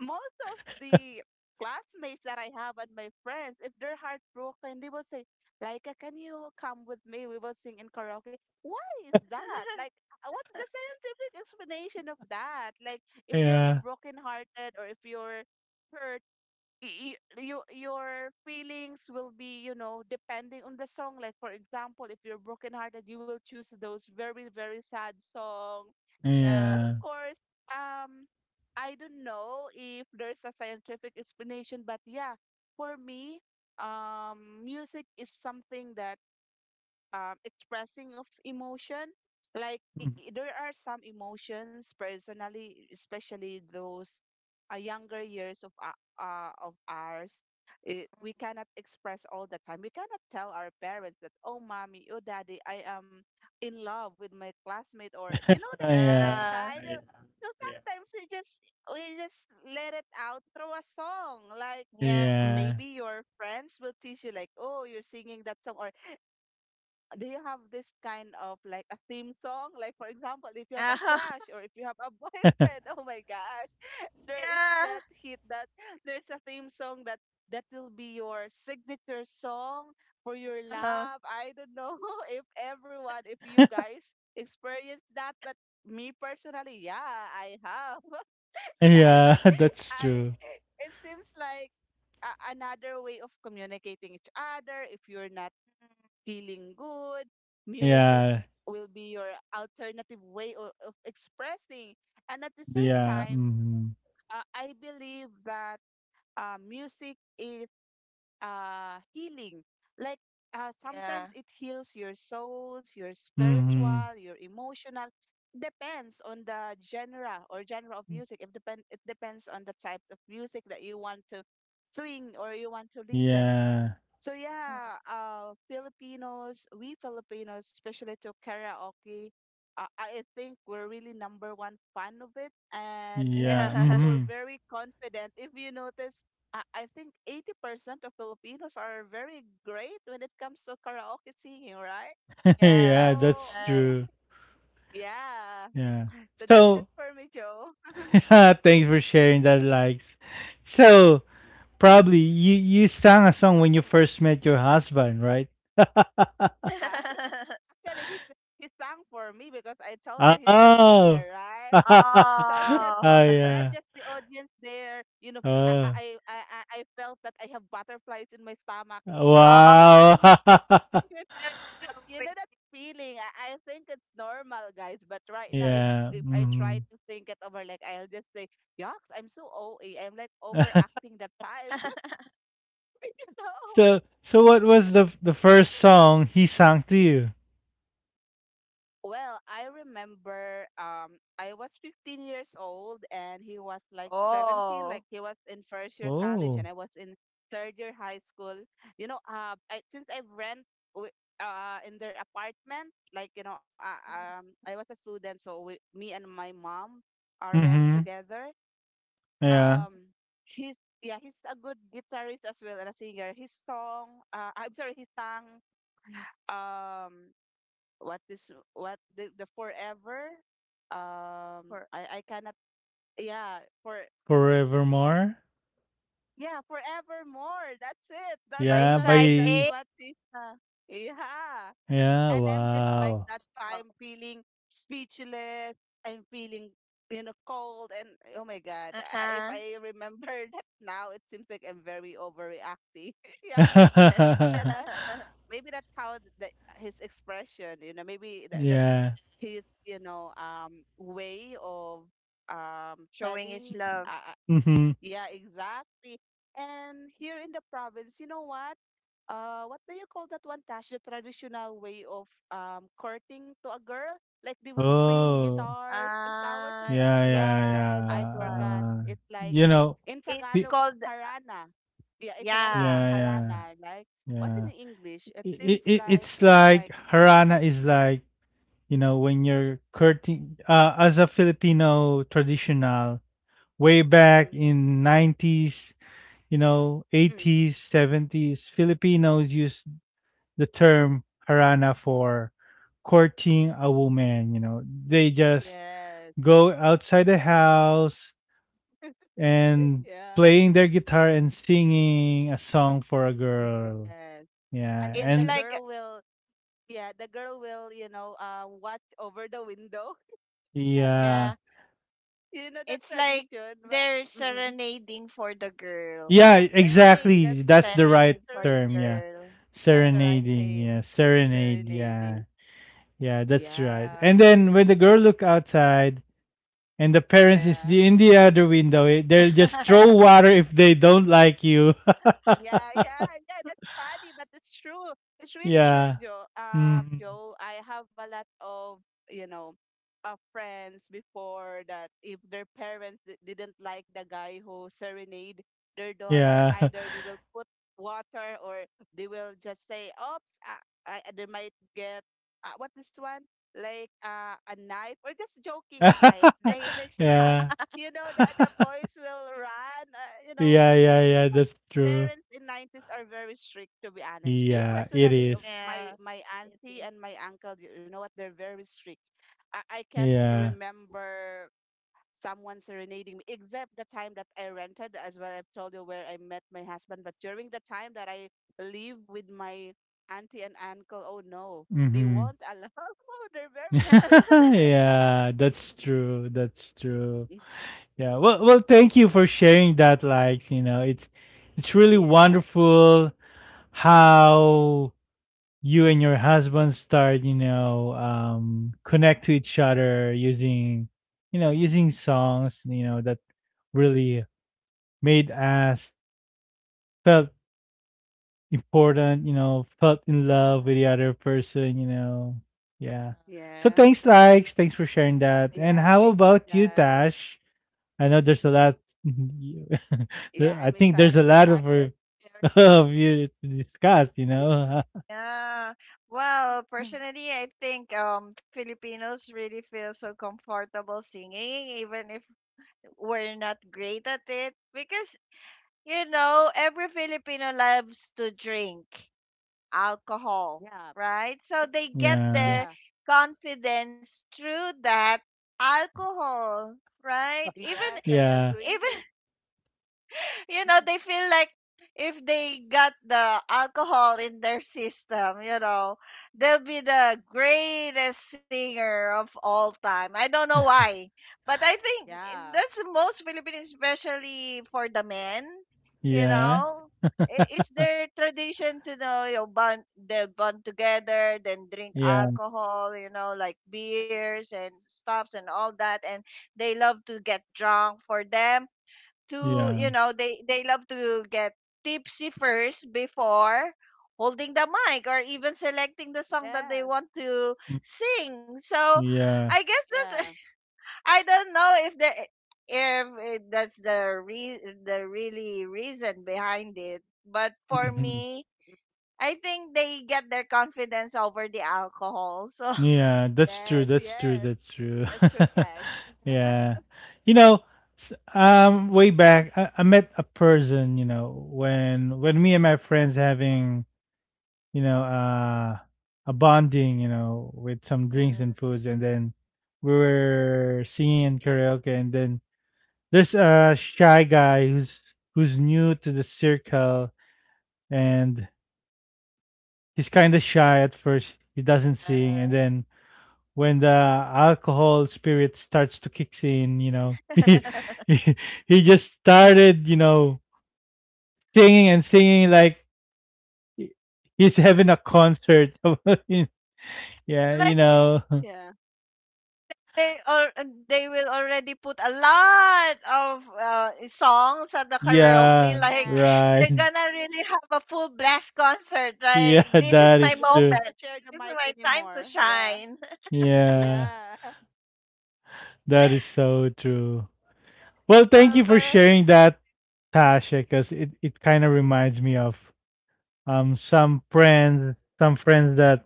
[SPEAKER 2] Most of the classmates that I have and my friends, if they're heartbroken, they will say, "Laika, can you come with me? We will sing in karaoke." Why is that? Like, what's the scientific explanation of that? Like, if
[SPEAKER 1] Yeah.
[SPEAKER 2] you're
[SPEAKER 1] Yeah.
[SPEAKER 2] broken-hearted or if you're hurt, your feelings will be, depending on the song. Like for example, if you're brokenhearted, you will choose those very very sad song,
[SPEAKER 3] Yeah.
[SPEAKER 2] and of
[SPEAKER 1] Yeah.
[SPEAKER 2] course, um I don't know if there's a scientific explanation, but yeah, for me, music is something that, expressing of emotion. Like there are some emotions, personally, especially those younger years of ours, we cannot express all the time. We cannot tell our parents that, oh, mommy, oh, daddy, I am in love with my classmate, or that
[SPEAKER 1] Yeah.
[SPEAKER 2] that
[SPEAKER 1] Yeah.
[SPEAKER 3] Ah,
[SPEAKER 2] kind of. So
[SPEAKER 1] Yeah.
[SPEAKER 2] sometimes we just let it out through a song, like
[SPEAKER 3] yeah.
[SPEAKER 2] maybe your friends will teach you, like, oh, you're singing that song, or do you have this kind of like a theme song? Like for example, if you have a
[SPEAKER 3] Oh,
[SPEAKER 2] crush or if you have a
[SPEAKER 1] Yeah.
[SPEAKER 2] boyfriend, oh my gosh, there is
[SPEAKER 3] yeah.
[SPEAKER 2] that hit that there's a theme song that will be your signature song for your
[SPEAKER 3] Oh,
[SPEAKER 2] love. I don't know if you guys experience that, but me personally, yeah, I have. Yeah, I
[SPEAKER 1] Yeah,
[SPEAKER 2] mean,
[SPEAKER 1] that's
[SPEAKER 2] I
[SPEAKER 1] true.
[SPEAKER 2] it seems like another way of communicating each other if you're not feeling good. Music
[SPEAKER 1] Yeah,
[SPEAKER 2] will be your alternative way of expressing. And at the same
[SPEAKER 1] yeah,
[SPEAKER 2] time,
[SPEAKER 1] mm-hmm,
[SPEAKER 2] I believe that music is healing. Like
[SPEAKER 3] yeah.
[SPEAKER 2] sometimes it heals your souls, your
[SPEAKER 1] mm-hmm,
[SPEAKER 2] spiritual, your emotional. Depends on the genre or genre of music. It depend. It depends on the type of music that you want to swing or you want to listen.
[SPEAKER 1] yeah,
[SPEAKER 2] So
[SPEAKER 3] Mm,
[SPEAKER 2] yeah, we Filipinos, especially to karaoke, I think we're really number one fan of it, and
[SPEAKER 1] yeah,
[SPEAKER 3] yeah.
[SPEAKER 2] we're
[SPEAKER 1] mm-hmm.
[SPEAKER 2] very confident. If you notice, I think 80% of Filipinos are very great when it comes to karaoke singing, right? So
[SPEAKER 1] Yeah,
[SPEAKER 3] Yeah.
[SPEAKER 1] that's
[SPEAKER 3] Right.
[SPEAKER 1] true.
[SPEAKER 2] yeah,
[SPEAKER 1] Yeah.
[SPEAKER 2] so that's it
[SPEAKER 1] So,
[SPEAKER 2] for me, Joe.
[SPEAKER 1] yeah, thanks for sharing that, likes. So,
[SPEAKER 2] Mm.
[SPEAKER 1] probably you sang a song when you first met your husband, right?
[SPEAKER 2] Uh, Actually, he sang for me because I told you
[SPEAKER 1] Ah,
[SPEAKER 2] he's a
[SPEAKER 1] oh,
[SPEAKER 2] singer, right? So I'm just
[SPEAKER 3] Oh.
[SPEAKER 1] oh
[SPEAKER 2] so I'm
[SPEAKER 1] yeah.
[SPEAKER 2] just the audience there. You know, I
[SPEAKER 1] Oh,
[SPEAKER 2] I I I I felt that I have butterflies in my stomach. Ew,
[SPEAKER 3] Oh,
[SPEAKER 2] that
[SPEAKER 3] I
[SPEAKER 1] wow.
[SPEAKER 2] time, you know,
[SPEAKER 3] love
[SPEAKER 2] you
[SPEAKER 3] it.
[SPEAKER 2] know that feeling. I think it's normal, guys. But right now, if
[SPEAKER 1] Yeah.
[SPEAKER 2] if I try
[SPEAKER 1] Mm-hmm.
[SPEAKER 2] to think it over, like I'll just say, "Yucks, I'm so OA. I'm like overacting that time." No.
[SPEAKER 1] So what was the first song he sang to you?
[SPEAKER 2] Well, I remember I was 15 years old and he was like
[SPEAKER 3] Oh.
[SPEAKER 2] 17, like he was in first year college and
[SPEAKER 1] Oh.
[SPEAKER 2] I was in third year high school. You know, since I rent in their apartment, like you know,
[SPEAKER 3] Mm,
[SPEAKER 2] I was a student so me and my mom are rent
[SPEAKER 1] Mm-hmm.
[SPEAKER 2] together.
[SPEAKER 1] Yeah.
[SPEAKER 2] Um he's, yeah, he's a good guitarist as well and a singer. His song, I'm sorry, he sang um what the forever um
[SPEAKER 3] for
[SPEAKER 2] I cannot, yeah, for
[SPEAKER 1] Forevermore.
[SPEAKER 2] yeah, forevermore. That's it. that's
[SPEAKER 3] by
[SPEAKER 1] Yeah.
[SPEAKER 2] that's
[SPEAKER 3] side
[SPEAKER 2] that's
[SPEAKER 3] A.
[SPEAKER 1] By.
[SPEAKER 2] what is, yeah.
[SPEAKER 1] Yeah.
[SPEAKER 2] And I'm just, like,
[SPEAKER 1] Wow.
[SPEAKER 2] that
[SPEAKER 3] Oh.
[SPEAKER 2] time feeling speechless, I'm feeling, cold, and oh my god, if
[SPEAKER 3] Uh-huh.
[SPEAKER 2] I remember that now it seems like I'm very overreacting. Yeah, but you
[SPEAKER 1] yeah.
[SPEAKER 2] know, maybe that's how his expression, you know, maybe that his, way of
[SPEAKER 3] Showing his
[SPEAKER 2] telling,
[SPEAKER 3] love.
[SPEAKER 2] uh, uh,
[SPEAKER 1] Mm-hmm.
[SPEAKER 2] yeah, exactly. And here in the province, you know what, what do you call that one, Tash, the traditional way of courting to a girl, like they will bring
[SPEAKER 1] Oh.
[SPEAKER 2] guitars and flowers, and
[SPEAKER 3] Ah,
[SPEAKER 2] that it's
[SPEAKER 1] Yeah.
[SPEAKER 2] called,
[SPEAKER 1] Yeah.
[SPEAKER 3] yeah,
[SPEAKER 2] I
[SPEAKER 3] that
[SPEAKER 1] Yeah.
[SPEAKER 3] one.
[SPEAKER 2] forgot, it's like
[SPEAKER 1] You know.
[SPEAKER 2] in
[SPEAKER 3] It's
[SPEAKER 1] Fe-
[SPEAKER 2] Tagalog it's
[SPEAKER 3] called,
[SPEAKER 2] harana, yeah, in Tagalog it's
[SPEAKER 3] yeah.
[SPEAKER 1] Yeah. Yeah.
[SPEAKER 2] harana, like, what
[SPEAKER 1] Yeah.
[SPEAKER 2] in English it
[SPEAKER 1] It,
[SPEAKER 2] seems
[SPEAKER 1] it,
[SPEAKER 2] like,
[SPEAKER 1] it's
[SPEAKER 2] it's
[SPEAKER 1] like
[SPEAKER 2] like.
[SPEAKER 1] Harana is like, you know, when you're courting as a Filipino traditional way back
[SPEAKER 2] Mm,
[SPEAKER 1] in 90's, you know,
[SPEAKER 2] mm,
[SPEAKER 1] 80's, 70's filipinos used the term harana for courting a woman. You know, they just
[SPEAKER 2] yes,
[SPEAKER 1] go outside the house and
[SPEAKER 2] yeah.
[SPEAKER 1] playing their guitar and singing a song for a girl,
[SPEAKER 2] Yes. And
[SPEAKER 1] yeah.
[SPEAKER 2] then the
[SPEAKER 3] It's
[SPEAKER 1] And
[SPEAKER 2] girl
[SPEAKER 3] like,
[SPEAKER 2] will, yeah, the girl will, you know, watch over the window.
[SPEAKER 3] yeah.
[SPEAKER 1] yeah,
[SPEAKER 2] You know that
[SPEAKER 3] It's like
[SPEAKER 2] tradition, ba?
[SPEAKER 3] they're
[SPEAKER 2] Mm-mm.
[SPEAKER 3] serenading for the girl.
[SPEAKER 1] yeah,
[SPEAKER 2] Yeah, serenade. That's
[SPEAKER 1] exactly,
[SPEAKER 2] it.
[SPEAKER 1] that's
[SPEAKER 2] It's,
[SPEAKER 1] the
[SPEAKER 2] it's
[SPEAKER 1] right
[SPEAKER 3] Serenade for the
[SPEAKER 1] term.
[SPEAKER 2] serenade.
[SPEAKER 1] Yeah,
[SPEAKER 3] girl.
[SPEAKER 2] That's the
[SPEAKER 3] Yeah.
[SPEAKER 2] right
[SPEAKER 1] serenading,
[SPEAKER 2] name.
[SPEAKER 1] yeah, serenade,
[SPEAKER 2] Serenading.
[SPEAKER 1] yeah. Yeah, that's right.
[SPEAKER 2] Yeah.
[SPEAKER 1] And then when the girl look outside and the parents is
[SPEAKER 2] Yeah.
[SPEAKER 1] the, in the other window, eh, they'll just throw water if they don't like you.
[SPEAKER 2] Yeah, yeah, yeah. That's funny, but it's true. It's really true,
[SPEAKER 1] yeah.
[SPEAKER 2] Joe.
[SPEAKER 1] Mhm.
[SPEAKER 2] Joe, I have a lot of, you know, friends before that if their parents didn't like the guy who serenade their daughter,
[SPEAKER 1] Yeah.
[SPEAKER 2] either they will put water, or they will just say, "Oops," they might get, what this one, like, a knife, or just joking aside, just
[SPEAKER 3] I,
[SPEAKER 2] to make sure that
[SPEAKER 1] yeah.
[SPEAKER 2] that the boys will run. Uh, you know,
[SPEAKER 1] yeah, yeah, yeah,
[SPEAKER 2] because
[SPEAKER 1] that's true.
[SPEAKER 2] parents in 90s are very strict, to be honest. Me
[SPEAKER 1] Yeah, it
[SPEAKER 2] personally, of
[SPEAKER 1] is.
[SPEAKER 2] my
[SPEAKER 3] yeah.
[SPEAKER 2] my auntie
[SPEAKER 3] You.
[SPEAKER 2] and my uncle, you know what, they're very strict. I can't
[SPEAKER 1] Yeah.
[SPEAKER 2] remember someone serenading me except the time that I rented as well. I've told you where I met my husband, but during the time that I live with my auntie and uncle, oh no, they
[SPEAKER 1] Mhm.
[SPEAKER 2] won't allow. Oh, they're very strict. Yeah.
[SPEAKER 1] yeah, that's true. That's true.
[SPEAKER 2] Mm.
[SPEAKER 1] Yeah. Well, thank you for sharing that like, you know. It's really
[SPEAKER 2] Yeah.
[SPEAKER 1] wonderful how you and your husband start, you know, connect to each other using, you know, using songs, you know, that really made us felt important, you know, felt in love with
[SPEAKER 3] Mm.
[SPEAKER 1] the
[SPEAKER 2] Mm.
[SPEAKER 1] other person, you know. Yeah.
[SPEAKER 3] Yeah.
[SPEAKER 1] So
[SPEAKER 2] Yeah.
[SPEAKER 1] thanks, likes. Thanks for sharing that. And
[SPEAKER 2] Yeah.
[SPEAKER 1] how
[SPEAKER 2] Thank you,
[SPEAKER 1] about you,
[SPEAKER 2] guys.
[SPEAKER 1] Tash? I know there's a lot. you-
[SPEAKER 2] Yeah,
[SPEAKER 1] there-
[SPEAKER 2] I'm
[SPEAKER 1] I think there's
[SPEAKER 2] excited
[SPEAKER 1] a
[SPEAKER 2] with
[SPEAKER 1] lot of,
[SPEAKER 2] Tasha's story.
[SPEAKER 1] of you to discuss, you know.
[SPEAKER 3] Yeah. Well, personally, I think Filipinos really feel so comfortable singing, even if we're not great at it, because you know every Filipino loves to drink alcohol,
[SPEAKER 2] Yeah.
[SPEAKER 3] right?
[SPEAKER 2] Mm.
[SPEAKER 3] So they get
[SPEAKER 1] yeah.
[SPEAKER 3] their
[SPEAKER 2] Yeah.
[SPEAKER 3] confidence through that alcohol, right? Even
[SPEAKER 2] Yes, I
[SPEAKER 1] Yeah.
[SPEAKER 3] even
[SPEAKER 2] agree.
[SPEAKER 3] you know, they feel like if they got the alcohol in their system, you know, they'll be the greatest singer of all time. I don't know why, but I think
[SPEAKER 2] Yeah.
[SPEAKER 3] that's most Philippines, especially for the men, you
[SPEAKER 1] Yeah,
[SPEAKER 3] know. It's their tradition to know, you know, bond they'll bond together, then drink
[SPEAKER 1] yeah,
[SPEAKER 3] alcohol, you know, like beers and stuffs and all that, and they love to get drunk for them to,
[SPEAKER 1] yeah,
[SPEAKER 3] you know, they love to get tipsy first before holding the mic or even selecting the song
[SPEAKER 2] Yes,
[SPEAKER 3] that they want to
[SPEAKER 1] mm,
[SPEAKER 3] sing. So
[SPEAKER 1] yeah,
[SPEAKER 3] I guess
[SPEAKER 2] yeah.
[SPEAKER 3] this I don't know if the, if it, that's the the really reason behind it, but for
[SPEAKER 1] mhm,
[SPEAKER 3] me, I think they get their confidence over the alcohol, so
[SPEAKER 1] yeah. That's
[SPEAKER 2] Yes,
[SPEAKER 1] true. That's
[SPEAKER 2] yes.
[SPEAKER 1] true. That's true.
[SPEAKER 2] That's your touch.
[SPEAKER 1] yeah, you know, s- way back, I met a person. You know, when me and my friends having, you know, a bonding, you know, with some drinks and
[SPEAKER 3] Mm,
[SPEAKER 1] foods, and then we were singing in karaoke, and then there's a shy guy who's new to the circle,
[SPEAKER 3] mm.
[SPEAKER 1] and he's kind of shy at first. He doesn't sing, and
[SPEAKER 3] Uh,
[SPEAKER 1] then when the alcohol spirit starts to kick in, you know, he he just started, you know, singing and singing like he's having a concert. yeah, you
[SPEAKER 3] like
[SPEAKER 1] know.
[SPEAKER 2] Yeah.
[SPEAKER 3] they all they will already put a lot of songs at the karaoke
[SPEAKER 1] Yeah,
[SPEAKER 3] like
[SPEAKER 2] Yes.
[SPEAKER 1] right.
[SPEAKER 3] they're gonna really have a full blast concert, right?
[SPEAKER 1] Yeah,
[SPEAKER 3] This
[SPEAKER 2] Yeah.
[SPEAKER 3] is
[SPEAKER 1] that
[SPEAKER 2] And
[SPEAKER 3] my
[SPEAKER 2] did
[SPEAKER 1] is
[SPEAKER 2] not want
[SPEAKER 1] true.
[SPEAKER 2] to
[SPEAKER 3] moment.
[SPEAKER 2] share the
[SPEAKER 3] This
[SPEAKER 2] mic
[SPEAKER 3] is my time to
[SPEAKER 2] anymore. Yeah.
[SPEAKER 3] shine.
[SPEAKER 1] Yeah,
[SPEAKER 2] Yeah.
[SPEAKER 1] that is so true. Well, thank
[SPEAKER 3] So
[SPEAKER 1] you for
[SPEAKER 3] the-
[SPEAKER 1] sharing that, Tasha, because it kind of reminds me of some friends, some friends that,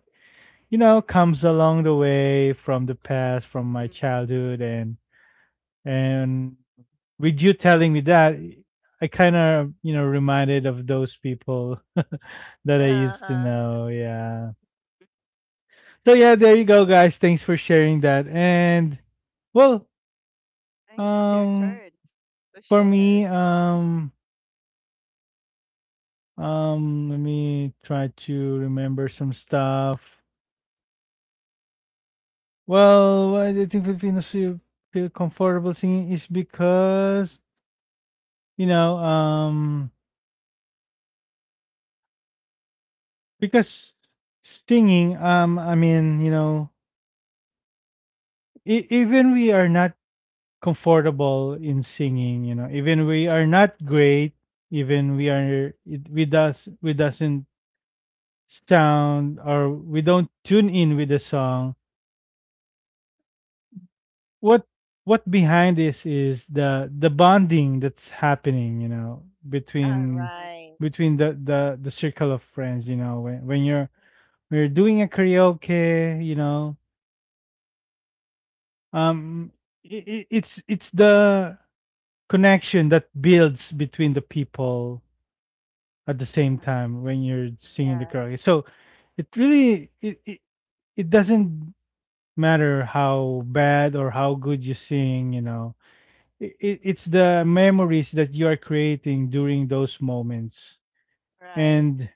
[SPEAKER 1] you know, comes along the way from the past from
[SPEAKER 2] Mm,
[SPEAKER 1] my
[SPEAKER 2] mm.
[SPEAKER 1] childhood, and with you telling me that, I kind of, you know, reminded of those people. That I used to
[SPEAKER 3] uh-huh,
[SPEAKER 1] know, yeah. So yeah, there you go guys, thanks for sharing that. And well,
[SPEAKER 2] I think it's your turn
[SPEAKER 1] um
[SPEAKER 2] to
[SPEAKER 1] for
[SPEAKER 2] share.
[SPEAKER 1] me, let me try to remember some stuff. Well, why do you think Filipinos feel feel comfortable singing is because, you know, because singing, I mean, you know, e- even we are not comfortable in singing, you know, even we are not great, even we are it, we does we doesn't sound or we don't tune in with the song. what what behind this is the bonding that's happening, you know,
[SPEAKER 3] all
[SPEAKER 1] between
[SPEAKER 2] Yes.
[SPEAKER 3] right,
[SPEAKER 1] between the circle of friends, you know, when when you're doing a karaoke, you know, um it, it's the connection that builds between the people at the same
[SPEAKER 2] Yeah.
[SPEAKER 1] time when you're singing the
[SPEAKER 3] yeah,
[SPEAKER 1] karaoke. So it really it, it, it doesn't matter how bad or how good you sing, you know. I- I- it's the memories that you are creating during those moments,
[SPEAKER 3] right,
[SPEAKER 1] and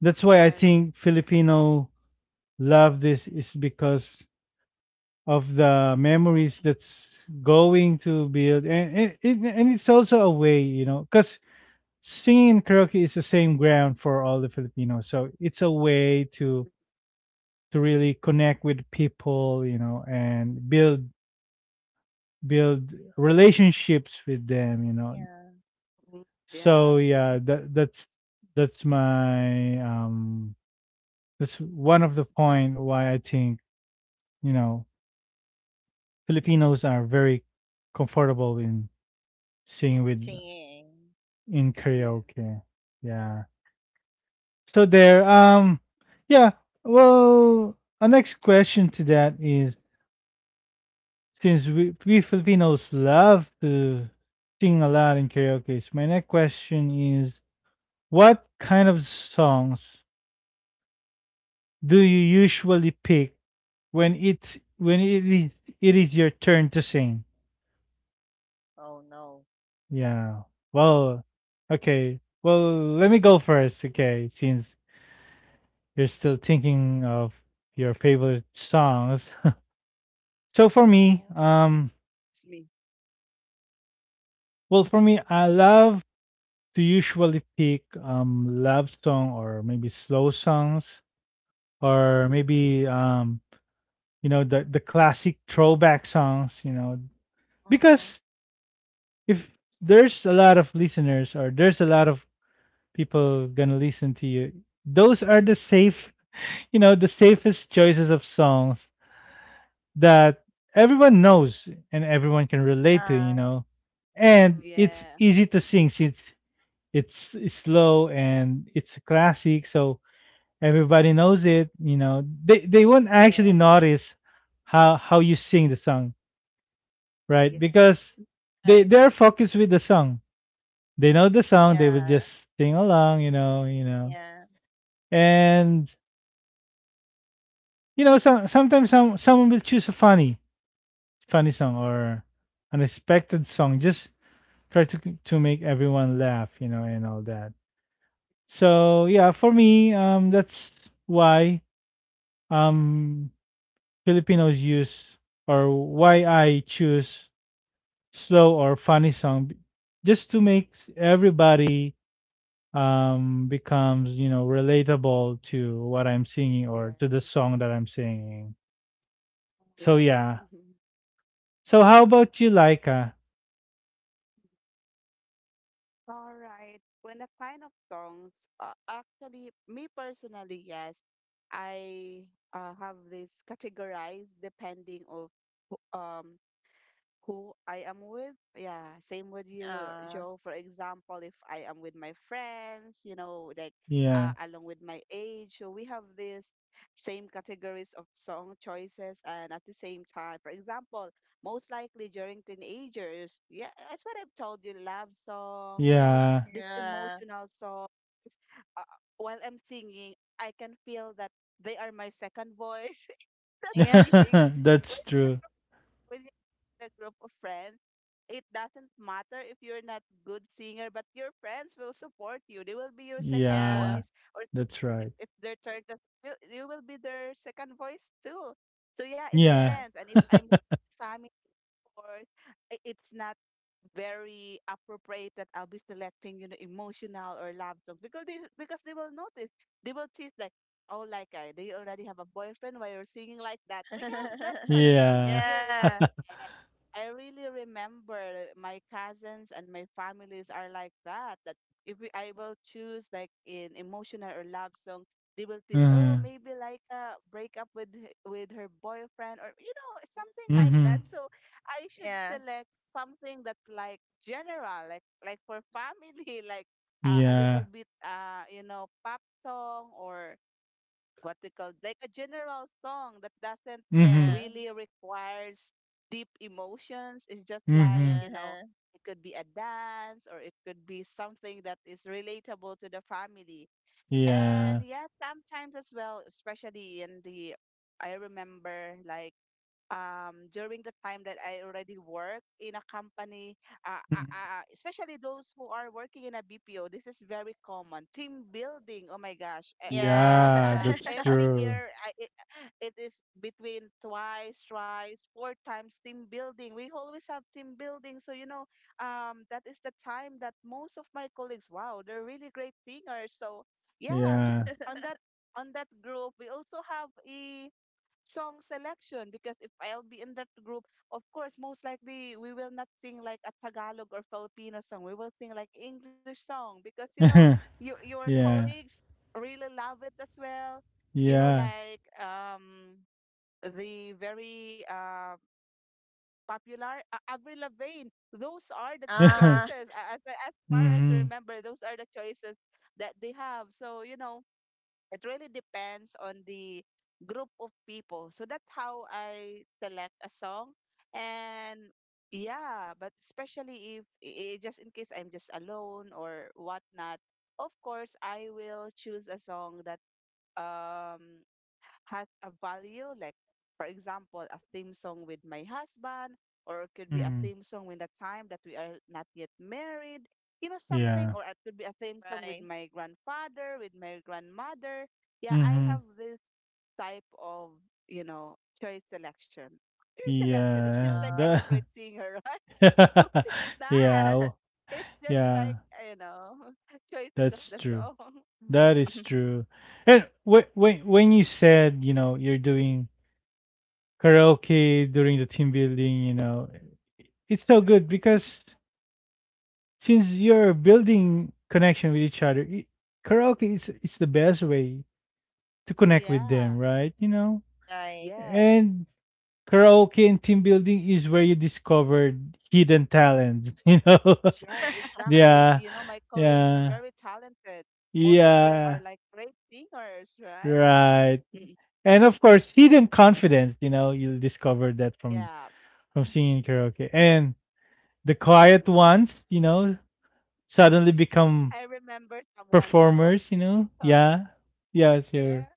[SPEAKER 1] that's why I
[SPEAKER 2] Yes.
[SPEAKER 1] think filipino love this is because of the memories that's going to build. And it, and it's also a way, you know, because singing and karaoke is the same ground for all the filipinos, so it's a way to really connect with people, you know, and build build relationships with them, you know.
[SPEAKER 3] yeah,
[SPEAKER 2] Mm. Yeah.
[SPEAKER 1] So yeah, that's my that's one of the point why I think, you know, Filipinos are very comfortable in singing with
[SPEAKER 3] singing,
[SPEAKER 1] in
[SPEAKER 2] Yes.
[SPEAKER 1] karaoke. Yeah. So there, yeah, well, our next question to that is, since we Filipinos love to sing a lot in karaoke, my next question is what kind of songs do you usually pick when it is your turn to sing.
[SPEAKER 3] oh no,
[SPEAKER 1] Yeah. Well, okay, let me go first, okay, since you're still thinking of your favorite songs. So for
[SPEAKER 3] mm-hmm.
[SPEAKER 1] me,
[SPEAKER 2] It's me.
[SPEAKER 1] for me I love to usually pick love song or maybe slow songs or maybe you know the classic throwback songs, you know,
[SPEAKER 3] Mm-hmm.
[SPEAKER 1] because if there's a lot of listeners or there's a lot of people gonna listen to you, those are the safe, you know, the safest choices of songs that everyone knows and everyone can relate to,
[SPEAKER 3] Uh,
[SPEAKER 1] you know.
[SPEAKER 3] mm,
[SPEAKER 1] And it's
[SPEAKER 2] Yeah.
[SPEAKER 1] easy to sing since it's slow and it's a classic, so everybody knows it, you know. They won't actually
[SPEAKER 2] Yes.
[SPEAKER 1] notice how you sing the song, right?
[SPEAKER 2] Yes.
[SPEAKER 1] Because they
[SPEAKER 3] right,
[SPEAKER 1] they're focused with the song, they know the
[SPEAKER 2] Yes.
[SPEAKER 1] song, they will
[SPEAKER 3] yeah,
[SPEAKER 1] just sing along, you know, you know.
[SPEAKER 3] yeah,
[SPEAKER 1] And you know, sometimes someone will choose a funny funny song or unexpected song. Just try to make everyone laugh, you know, and all that. So yeah, for me, that's why um Filipinos use or why I choose slow or funny song, b- just to make s- everybody becomes, you know, relatable to what I'm singing
[SPEAKER 2] Yeah.
[SPEAKER 1] or to the song that I'm singing.
[SPEAKER 2] Yes.
[SPEAKER 1] So
[SPEAKER 2] Yeah.
[SPEAKER 1] yeah. So how about you, Laika?
[SPEAKER 2] All right. When the kind of songs, actually, me personally, yes, I, have this categorized depending of who- um who I am with. Yeah, same with you, Joe.
[SPEAKER 3] uh,
[SPEAKER 2] For example, if I am with my friends, you know, like,
[SPEAKER 1] Yeah.
[SPEAKER 2] along with my age, so we have this same categories of song choices, and at the same time, for example, most likely during teenagers, yeah, that's what I've told you, love song, you know,
[SPEAKER 1] Yeah.
[SPEAKER 2] this
[SPEAKER 3] yeah,
[SPEAKER 2] emotional song. uh, while I'm singing, I can feel that they are my second voice. That
[SPEAKER 3] yeah.
[SPEAKER 2] feeling
[SPEAKER 1] That's true.
[SPEAKER 2] when you're in a group of friends, it doesn't matter if you're not good singer, but your friends will support you. They will be your second voice.
[SPEAKER 1] Yeah.
[SPEAKER 3] Yeah.
[SPEAKER 2] Or
[SPEAKER 1] That's
[SPEAKER 2] sometimes
[SPEAKER 1] right.
[SPEAKER 2] if it's their turn, you will be their second voice too. So yeah, it
[SPEAKER 1] Yeah.
[SPEAKER 2] depends.
[SPEAKER 3] Yeah.
[SPEAKER 2] And if I'm with family, course, it's not very appropriate that I'll be selecting, you know, emotional or love songs, because they will notice, they will tease like, oh, like, do you already have a boyfriend while you're singing like that? We have that tradition
[SPEAKER 1] Yeah.
[SPEAKER 2] here in our.
[SPEAKER 3] Yeah.
[SPEAKER 2] eh, I really remember my cousins and my families are like that. That if we, I will choose like in emotional or love song, they will tease, oh,
[SPEAKER 1] Mhm.
[SPEAKER 2] maybe like a break up with with her boyfriend, or you know something like that.
[SPEAKER 1] Mhm.
[SPEAKER 2] So I should
[SPEAKER 3] Yeah.
[SPEAKER 2] select something that's like general, like, for family, like, a little
[SPEAKER 1] Yeah.
[SPEAKER 2] bit, you know, pop song, or what we call, like, a general song that doesn't
[SPEAKER 1] Mhm.
[SPEAKER 3] Yeah.
[SPEAKER 2] really requires deep emotions. It's just like, you
[SPEAKER 1] Mhm.
[SPEAKER 2] know,
[SPEAKER 3] Uh-huh.
[SPEAKER 2] it could be a dance, or it could be something that is relatable to the family. And
[SPEAKER 1] Yeah.
[SPEAKER 2] yeah, sometimes as well, especially I remember, like, during the time that I already work in a company,
[SPEAKER 1] Mhm.
[SPEAKER 2] especially those who are working in a BPO, this is very common. Team building, oh my gosh, like,
[SPEAKER 3] Yeah.
[SPEAKER 1] Yeah, that's
[SPEAKER 2] every year,
[SPEAKER 1] true.
[SPEAKER 2] it is between twice, thrice, four times team building. We always have team building, so you know, that is the time that most of my colleagues, wow, they're really great singers. So yeah,
[SPEAKER 1] Yeah.
[SPEAKER 2] on that on that group, we also have a song selection, because if I'll be in that group, of course, most likely we will not sing like a Tagalog or Filipino song. We will sing like English song because you know your your
[SPEAKER 1] Yeah.
[SPEAKER 2] colleagues really love it as well. You know,
[SPEAKER 1] Yeah.
[SPEAKER 2] like, the very popular, Avril Lavigne. Those are the
[SPEAKER 3] Uh-huh.
[SPEAKER 2] choices as far as I
[SPEAKER 1] Mhm.
[SPEAKER 2] remember. Those are the choices that they have. So you know it really depends on the group of people. So that's how I select a song. And yeah, but especially if just in case I'm just alone or whatnot, of course I will choose a song that um has a value, like for example a theme song with my husband, or it could be a theme
[SPEAKER 1] Mhm.
[SPEAKER 2] song with the time that we are not yet married, you know, something, or
[SPEAKER 1] Yeah.
[SPEAKER 2] it could be a theme song with
[SPEAKER 3] Right.
[SPEAKER 2] my grandfather, with my grandmother. Yeah, I have
[SPEAKER 1] Mhm.
[SPEAKER 2] this type of, you know, choice selection, it seems like
[SPEAKER 1] Yeah.
[SPEAKER 2] I'm a
[SPEAKER 3] Oh.
[SPEAKER 2] great
[SPEAKER 1] That-
[SPEAKER 2] singer. Right? Not.
[SPEAKER 1] Yeah. w-
[SPEAKER 2] It's just like,
[SPEAKER 1] Yeah.
[SPEAKER 2] you know, choices of the
[SPEAKER 1] That's true.
[SPEAKER 2] song.
[SPEAKER 1] That is true. And when you said, you know, you're doing karaoke during the team building, you know, it's so good
[SPEAKER 2] Mhm.
[SPEAKER 1] because since you're building connection with each other, I karaoke is the best way to connect with
[SPEAKER 2] Yeah.
[SPEAKER 1] them, right? You know,
[SPEAKER 3] Right.
[SPEAKER 2] Yes.
[SPEAKER 1] and karaoke and team building is where you discovered hidden talents. You know,
[SPEAKER 2] Yes, exactly. You
[SPEAKER 1] yeah,
[SPEAKER 2] know, my colleagues are very
[SPEAKER 1] yeah,
[SPEAKER 2] talented. Most of them are
[SPEAKER 1] yeah,
[SPEAKER 2] like great singers, right?
[SPEAKER 1] right.
[SPEAKER 2] Mm.
[SPEAKER 1] And of course hidden confidence, you know, you'll discover that
[SPEAKER 2] Yeah.
[SPEAKER 1] from singing karaoke. And the
[SPEAKER 2] Mm.
[SPEAKER 1] quiet ones, you know, suddenly
[SPEAKER 2] I
[SPEAKER 1] become
[SPEAKER 2] remember someone, Joe.
[SPEAKER 1] performers, you know,
[SPEAKER 2] Sorry.
[SPEAKER 1] yeah. Yeah,
[SPEAKER 2] Yeah.
[SPEAKER 1] sure.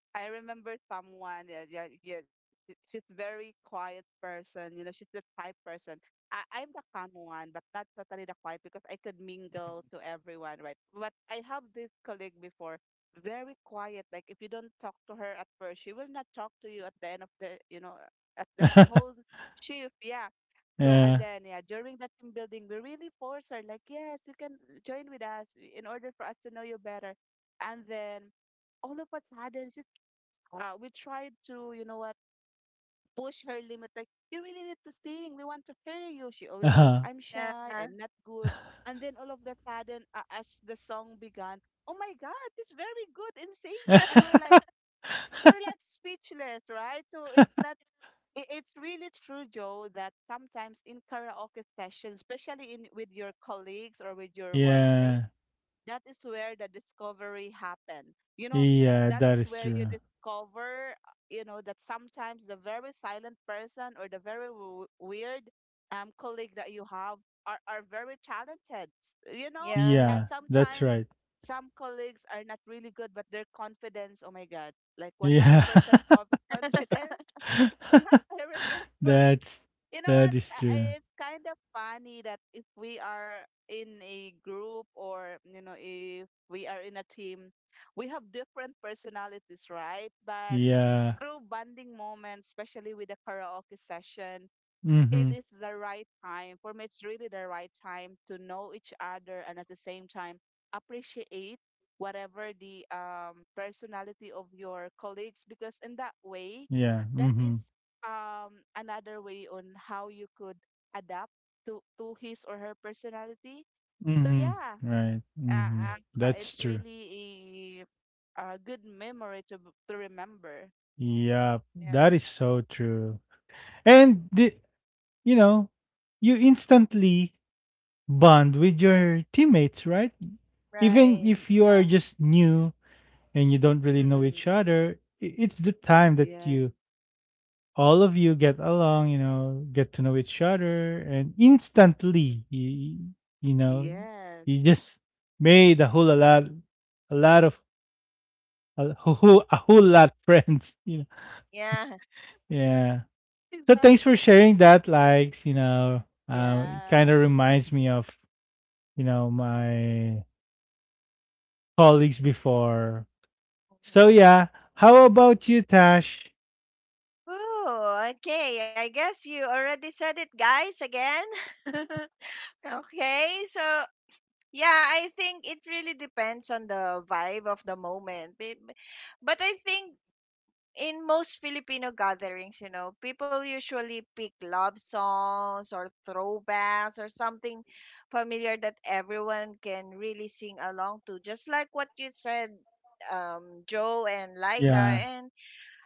[SPEAKER 2] I remember someone, yeah, yeah, yeah, she's very quiet person, you know, she's the type person. I'm the calm one, but not totally the quiet because I could mingle to everyone, right? But I have this colleague before, very quiet. Like if you don't talk to her at first, she will not talk to you at the end of you know, at the whole shift. Yeah. So and
[SPEAKER 1] yeah
[SPEAKER 2] then yeah, during the team building, we really force her, like, yes, you can join with us in order for us to know you better. And then all of a sudden, she's we tried to, you know what, push her limit. Like, you really need to sing. We want to hear you. She always say, I'm
[SPEAKER 1] uh-huh.
[SPEAKER 3] Yeah.
[SPEAKER 2] shy. I'm not good. And then all of the sudden, as the song began, oh my God, she's very good in singing. And we're like, speechless, right? So it's not, I- it's really true, Joe, that sometimes in karaoke sessions, especially in with your colleagues or with your workmates,
[SPEAKER 1] yeah,
[SPEAKER 2] that is where the discovery happen. You know, that
[SPEAKER 1] yeah,
[SPEAKER 2] is
[SPEAKER 1] that
[SPEAKER 2] where
[SPEAKER 1] is
[SPEAKER 2] you
[SPEAKER 1] true.
[SPEAKER 2] discover, you know, that sometimes the very silent person or the very weird colleague that you have are very talented, you know, and
[SPEAKER 1] Yeah,
[SPEAKER 3] Yeah.
[SPEAKER 1] that's
[SPEAKER 2] sometimes
[SPEAKER 1] right.
[SPEAKER 2] some colleagues are not really good, but their confidence, oh my God, like
[SPEAKER 1] Yeah.
[SPEAKER 2] 100% confidence. Yes, I remember.
[SPEAKER 1] That's,
[SPEAKER 2] You know what?
[SPEAKER 1] that is true,
[SPEAKER 2] It's kind of funny that if we are in a group, or, you know, if we are in a team, we have different personalities, right? But
[SPEAKER 1] yeah,
[SPEAKER 2] through bonding moments, especially with the karaoke session, it is
[SPEAKER 1] mm-hmm,
[SPEAKER 2] the right time. For me, it's really the right time to know each other and at the same time appreciate whatever the personality of your colleagues, because in that way,
[SPEAKER 1] yeah,
[SPEAKER 2] that is
[SPEAKER 1] mm-hmm,
[SPEAKER 2] another way on how you could adapt to his or her personality. So
[SPEAKER 1] mm-hmm,
[SPEAKER 2] yeah,
[SPEAKER 1] right,
[SPEAKER 2] uh,
[SPEAKER 1] mm-hmm,
[SPEAKER 3] Right.
[SPEAKER 1] that's true, yeah, mm hmm, yeah, hmm, hmm, right, hmm,
[SPEAKER 2] it's
[SPEAKER 1] thats true.
[SPEAKER 2] really a good memory to to remember.
[SPEAKER 1] Yeah, that is
[SPEAKER 3] Yeah.
[SPEAKER 1] so true. And the, you know, you instantly bond with your teammates, right? Even
[SPEAKER 3] Right.
[SPEAKER 1] if
[SPEAKER 2] Yeah.
[SPEAKER 1] you are just new and you don't really know
[SPEAKER 2] Mm-mm.
[SPEAKER 1] each other, I- it's the time
[SPEAKER 2] Yeah.
[SPEAKER 1] that you all of you get along, you know, get to know each other. And instantly you, you know,
[SPEAKER 2] Yes.
[SPEAKER 1] you just made a whole a lot of a whole lot friends, you know.
[SPEAKER 3] Yeah.
[SPEAKER 1] Yeah. So thanks
[SPEAKER 2] Exactly.
[SPEAKER 1] for sharing that like, you know, it
[SPEAKER 2] Yeah,
[SPEAKER 1] kind of reminds me of, you know, my colleagues before. So yeah, how about you tash?
[SPEAKER 3] Oh, okay. I guess you already said it, guys, again. Okay. So yeah, I think it really depends on the vibe of the moment. But I think in most Filipino gatherings, you know, people usually pick love songs or throwbacks or something familiar that everyone can really sing along to. Just like what you said, Joe and Laika.
[SPEAKER 1] Yeah,
[SPEAKER 3] And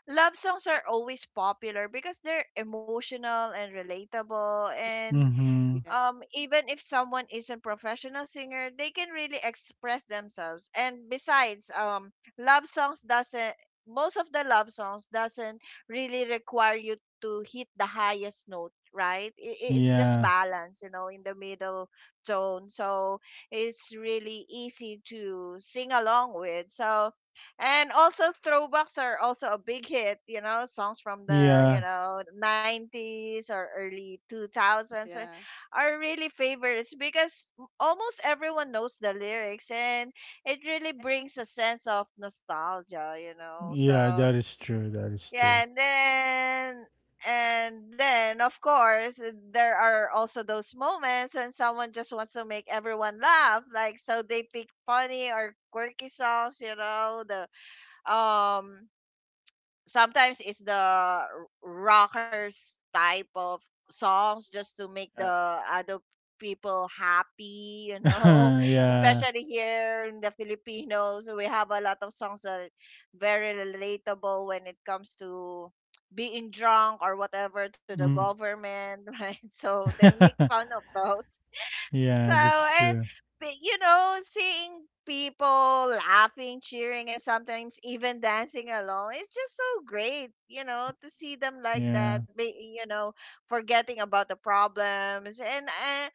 [SPEAKER 3] love songs are always popular because they're emotional and relatable. And
[SPEAKER 2] yeah,
[SPEAKER 1] mm-hmm,
[SPEAKER 3] even if someone isn't professional singer, they can really express themselves. And besides, love songs doesn't, most of the love songs doesn't really require you to hit the highest note, right? It's just
[SPEAKER 1] yeah,
[SPEAKER 3] balance, you know, in the middle tone. So it's really easy to sing along with. So, and also throwbacks are also a big hit, you know, songs from the, you
[SPEAKER 1] yeah,
[SPEAKER 3] know, 90s or early 2000s
[SPEAKER 2] yeah,
[SPEAKER 3] are really favorites, because almost everyone knows the lyrics, and it really brings a sense of nostalgia, you know.
[SPEAKER 1] yeah,
[SPEAKER 3] So
[SPEAKER 1] that is true, that is
[SPEAKER 3] yeah,
[SPEAKER 1] true,
[SPEAKER 3] and then of course there are also those moments when someone just wants to make everyone laugh, like so they pick funny or quirky songs, you know, the um sometimes it's the rockers type of songs, just to make the
[SPEAKER 1] yeah.
[SPEAKER 3] other people happy, you know.
[SPEAKER 1] Yeah.
[SPEAKER 3] Especially here in the Filipinos, we have a lot of songs that very relatable when it comes to being drunk or whatever, to the
[SPEAKER 1] Mm.
[SPEAKER 3] government, right? So they make fun of those. So,
[SPEAKER 1] Yeah, that's
[SPEAKER 3] and
[SPEAKER 1] true,
[SPEAKER 3] but, you know, seeing people laughing, cheering, and sometimes even dancing along, it's just so great, you know, to see them like
[SPEAKER 1] yeah,
[SPEAKER 3] that, you know, forgetting about the problems. And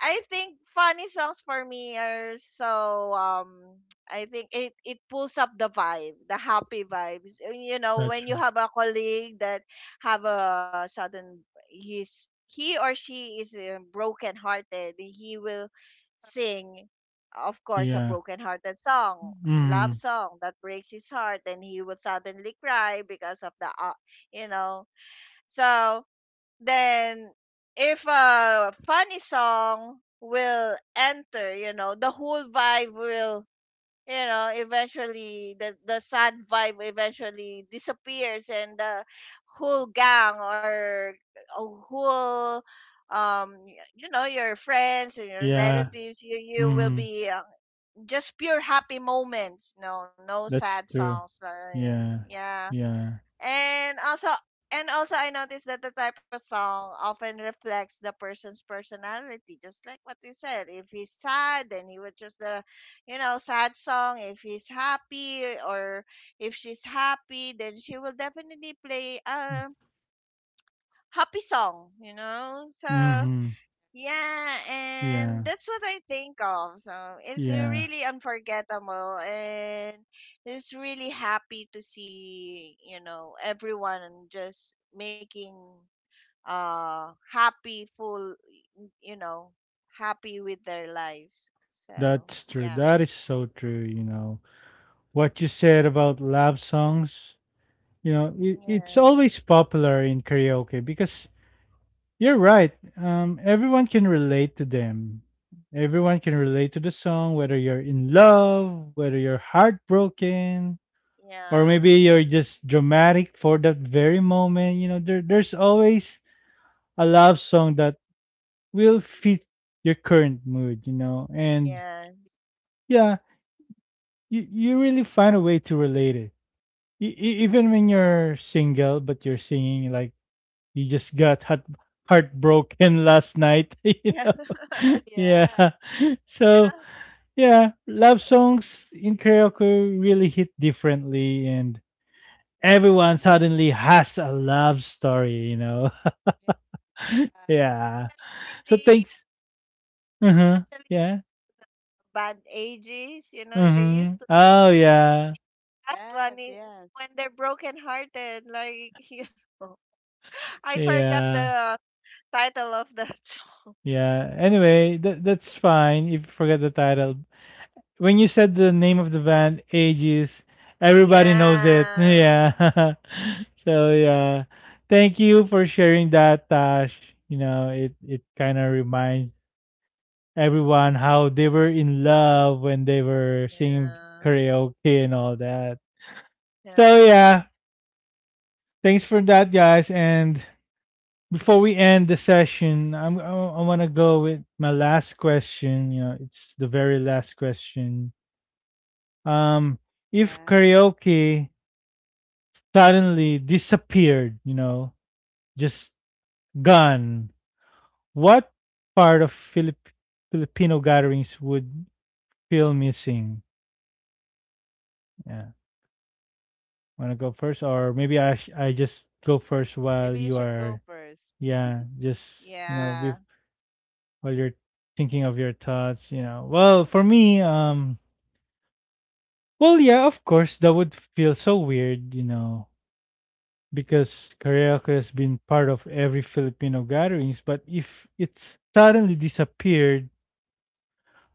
[SPEAKER 3] I think funny songs for me are so I think it it pulls up the vibe, the happy vibes. And, you know,
[SPEAKER 1] that's
[SPEAKER 3] when you
[SPEAKER 1] true,
[SPEAKER 3] have a colleague that have a sudden, he's he or she is broken hearted, he will sing, of course, a
[SPEAKER 1] yeah.
[SPEAKER 3] broken hearted song, love
[SPEAKER 1] Mm.
[SPEAKER 3] song that breaks his heart, and he will suddenly cry because of the you know. So then, if a funny song will enter, you know, the whole vibe will, you know, eventually the sad vibe eventually disappears, and the whole gang or a whole, you know, your friends and your
[SPEAKER 1] Yeah.
[SPEAKER 3] relatives, you will
[SPEAKER 1] Mm.
[SPEAKER 3] be, just pure happy moments. No no sad
[SPEAKER 1] That's true,
[SPEAKER 3] songs. No, no, no.
[SPEAKER 1] yeah,
[SPEAKER 3] Yeah,
[SPEAKER 1] yeah,
[SPEAKER 3] and also and also I noticed that the type of song often reflects the person's personality, just like what you said. If he's sad, then he would choose the, you know, sad song. If he's happy or if she's happy, then she will definitely play a happy song, you know? So
[SPEAKER 1] mm-hmm.
[SPEAKER 3] yeah,
[SPEAKER 1] Yeah,
[SPEAKER 3] and that's what I think of. So it's
[SPEAKER 1] yeah,
[SPEAKER 3] really unforgettable, and it's really happy to see, you know, everyone just making happy, full, you know, happy with their lives. So
[SPEAKER 1] that's true.
[SPEAKER 3] yeah,
[SPEAKER 1] That is so true. You know, what you said about love songs, you know, it, it's
[SPEAKER 3] yeah,
[SPEAKER 1] always popular in karaoke because you're right. Everyone can relate to them. Everyone can relate to the song, whether you're in love, whether you're heartbroken, or maybe
[SPEAKER 3] yeah,
[SPEAKER 1] you're just dramatic for that very moment. You know, there's always a love song that will fit your current mood, you know, and
[SPEAKER 3] yes,
[SPEAKER 1] yeah you really find a way to relate it. E- e- even when
[SPEAKER 3] mhm,
[SPEAKER 1] you're single, but you're singing like you just got heartbroken last night. You
[SPEAKER 3] yeah,
[SPEAKER 1] know, yeah.
[SPEAKER 2] yeah,
[SPEAKER 1] So
[SPEAKER 3] yeah.
[SPEAKER 1] yeah, love songs in karaoke really hit differently, and everyone suddenly has a love story. You know,
[SPEAKER 2] uh,
[SPEAKER 1] yeah.
[SPEAKER 3] Especially
[SPEAKER 1] So
[SPEAKER 3] the,
[SPEAKER 1] thanks. Uh huh.
[SPEAKER 3] especially
[SPEAKER 1] Yeah.
[SPEAKER 3] bad ages. You know, they
[SPEAKER 1] Mm-hmm.
[SPEAKER 3] used to,
[SPEAKER 1] Oh yeah.
[SPEAKER 3] that
[SPEAKER 2] yes,
[SPEAKER 3] one
[SPEAKER 2] yes,
[SPEAKER 3] i- when they're broken-hearted. Like, yeah. I forgot
[SPEAKER 1] Yeah.
[SPEAKER 3] the title of that song.
[SPEAKER 1] Yeah. Anyway, that that's fine if you forget the title. When you said the name of the band, Aegis, everybody knows it.
[SPEAKER 3] Yeah.
[SPEAKER 1] Yeah. so yeah. Thank you for sharing that, Tash. You know, it kind of reminds everyone how they were in love when they were singing
[SPEAKER 3] Yeah.
[SPEAKER 1] karaoke and all that. So
[SPEAKER 3] Yeah.
[SPEAKER 1] yeah, thanks for that, guys. And before we end the session, I'm I want to go with my last question. You know, it's the very last question. Um,
[SPEAKER 2] yeah.
[SPEAKER 1] if karaoke suddenly disappeared, you know, just gone, what part of Filipino gatherings would feel missing? Yeah, want to go first, or maybe I just go first
[SPEAKER 2] Maybe you
[SPEAKER 1] while
[SPEAKER 2] should
[SPEAKER 1] you
[SPEAKER 2] go
[SPEAKER 1] are,
[SPEAKER 2] first.
[SPEAKER 1] yeah, just,
[SPEAKER 2] Uh,
[SPEAKER 1] you know,
[SPEAKER 3] Yeah.
[SPEAKER 1] while you're thinking of your thoughts. You know, well for me well, yeah, of course, that would feel so weird, you know, because karaoke has been part of every Filipino gatherings. But if it suddenly disappeared,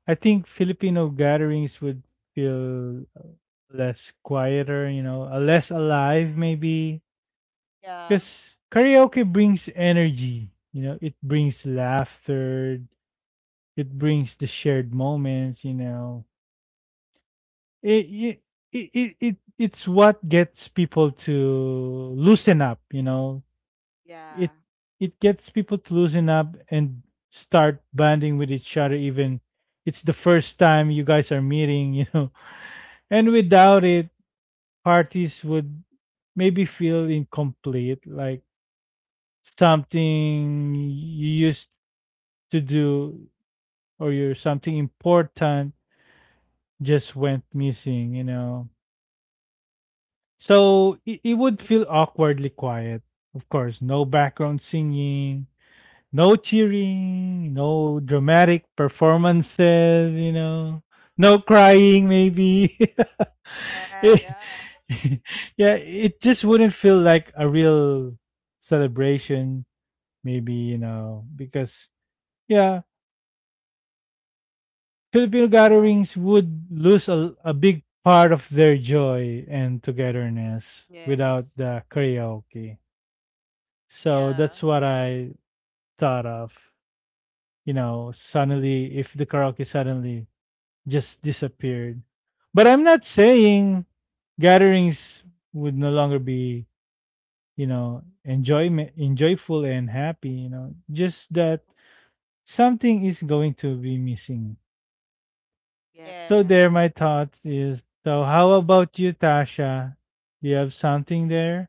[SPEAKER 1] I think Filipino gatherings would feel less quieter, you know, less alive maybe.
[SPEAKER 3] Yeah.
[SPEAKER 1] Because karaoke brings energy, you know, it brings laughter, it brings the shared moments, you know, it, it it's what gets people to loosen up you know
[SPEAKER 2] yeah,
[SPEAKER 1] it it gets people to loosen up and start bonding with each other even it's the first time you guys are meeting, you know. And without it, parties would maybe feel incomplete, like something you used to do or your something important just went missing, you know. So it would feel awkwardly quiet, of course. No background singing, no cheering, no dramatic performances, you know, no crying, maybe.
[SPEAKER 3] Yeah.
[SPEAKER 1] it,
[SPEAKER 2] yeah,
[SPEAKER 1] yeah, it just wouldn't feel like a real celebration, maybe, you know, because, yeah, Filipino
[SPEAKER 2] yeah,
[SPEAKER 1] gatherings would lose a big part of their joy and togetherness
[SPEAKER 2] yes,
[SPEAKER 1] without the karaoke. So
[SPEAKER 3] Yeah.
[SPEAKER 1] that's what I thought of. You know, suddenly if the karaoke suddenly just disappeared. But I'm not saying gatherings would no longer be, you know, enjoyment enjoyful and happy, you know. Just that something is going to be missing.
[SPEAKER 2] yep, yep,
[SPEAKER 1] So there
[SPEAKER 3] Yes.
[SPEAKER 1] my thoughts is, so how about you, Tasha? Do you have something there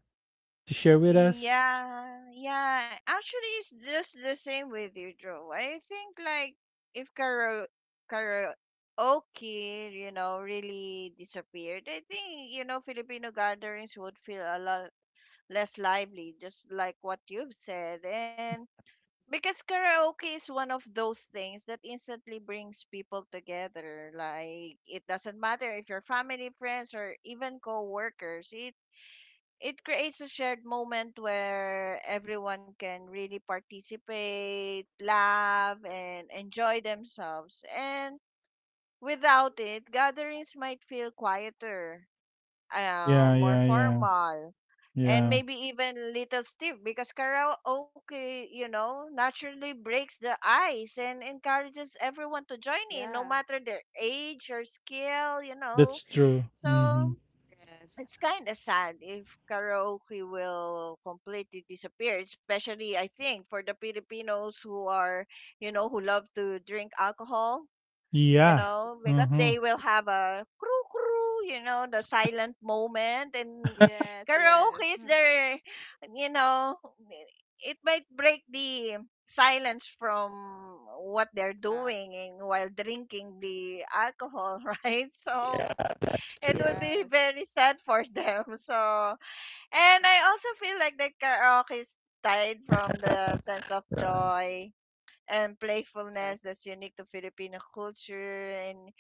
[SPEAKER 1] to share with us?
[SPEAKER 3] Yeah. Yeah. Actually, it's just the same with you, Joe. I think like if karaoke, you know, really disappeared, I think, you know, Filipino gatherings would feel a lot less lively, just like what you've said. And because karaoke is one of those things that instantly brings people together. Like it doesn't matter if you're family, friends, or even co-workers. It creates a shared moment where everyone can really participate, laugh, and enjoy themselves. And without it, gatherings might feel quieter,
[SPEAKER 1] Yeah,
[SPEAKER 3] more
[SPEAKER 1] yeah, yeah.
[SPEAKER 3] formal, and
[SPEAKER 1] Yeah.
[SPEAKER 3] maybe even Little Steve, because karaoke, you know, naturally breaks the ice and encourages everyone to join
[SPEAKER 2] yeah,
[SPEAKER 3] in, no matter their age or skill, you know.
[SPEAKER 1] That's true.
[SPEAKER 3] So
[SPEAKER 1] Mhm.
[SPEAKER 2] yes,
[SPEAKER 3] it's kind of sad if karaoke will completely disappear, especially I think for the Filipinos who are, you know, who love to drink alcohol, you
[SPEAKER 1] Yeah.
[SPEAKER 3] know, because
[SPEAKER 1] Mhm.
[SPEAKER 3] they will have a crew, you know, the silent moment, and
[SPEAKER 2] yes, yes,
[SPEAKER 3] karaoke is there, you know, it might break the silence from what they're
[SPEAKER 2] uh,
[SPEAKER 3] doing and while drinking the alcohol, right? So it would
[SPEAKER 2] yes,
[SPEAKER 3] be very sad for them. So, and I also feel like that karaoke is tied from the sense of joy and
[SPEAKER 2] yes,
[SPEAKER 3] playfulness that's unique to Filipino culture. And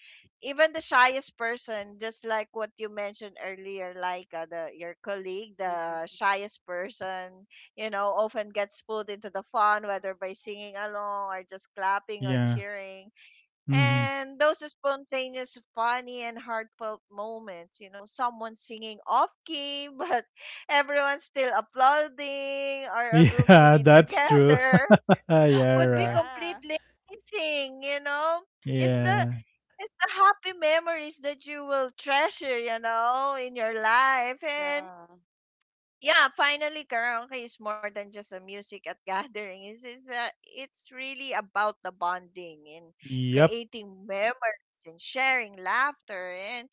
[SPEAKER 3] even the shyest person, just like what you mentioned earlier, like the your
[SPEAKER 2] mm,
[SPEAKER 3] colleague, the shyest person, you know, often gets pulled into the fun, whether by singing along or just clapping or
[SPEAKER 1] Yeah.
[SPEAKER 3] cheering.
[SPEAKER 1] Mhm.
[SPEAKER 3] And those spontaneous, funny, and heartfelt moments, you know, someone singing off key, but everyone's still applauding, or a group
[SPEAKER 1] Yeah,
[SPEAKER 3] singing
[SPEAKER 1] that's true.
[SPEAKER 3] together
[SPEAKER 1] Yeah,
[SPEAKER 3] would be
[SPEAKER 1] right.
[SPEAKER 2] yeah,
[SPEAKER 3] completely amazing, you know? It's the
[SPEAKER 1] Yeah.
[SPEAKER 3] it's the happy memories that you will treasure, you know, in your life.
[SPEAKER 2] yeah,
[SPEAKER 3] And yeah, finally karaoke is more than just a music at gathering. It's, it's really about the bonding, and
[SPEAKER 1] Yep.
[SPEAKER 3] creating memories, and sharing laughter. And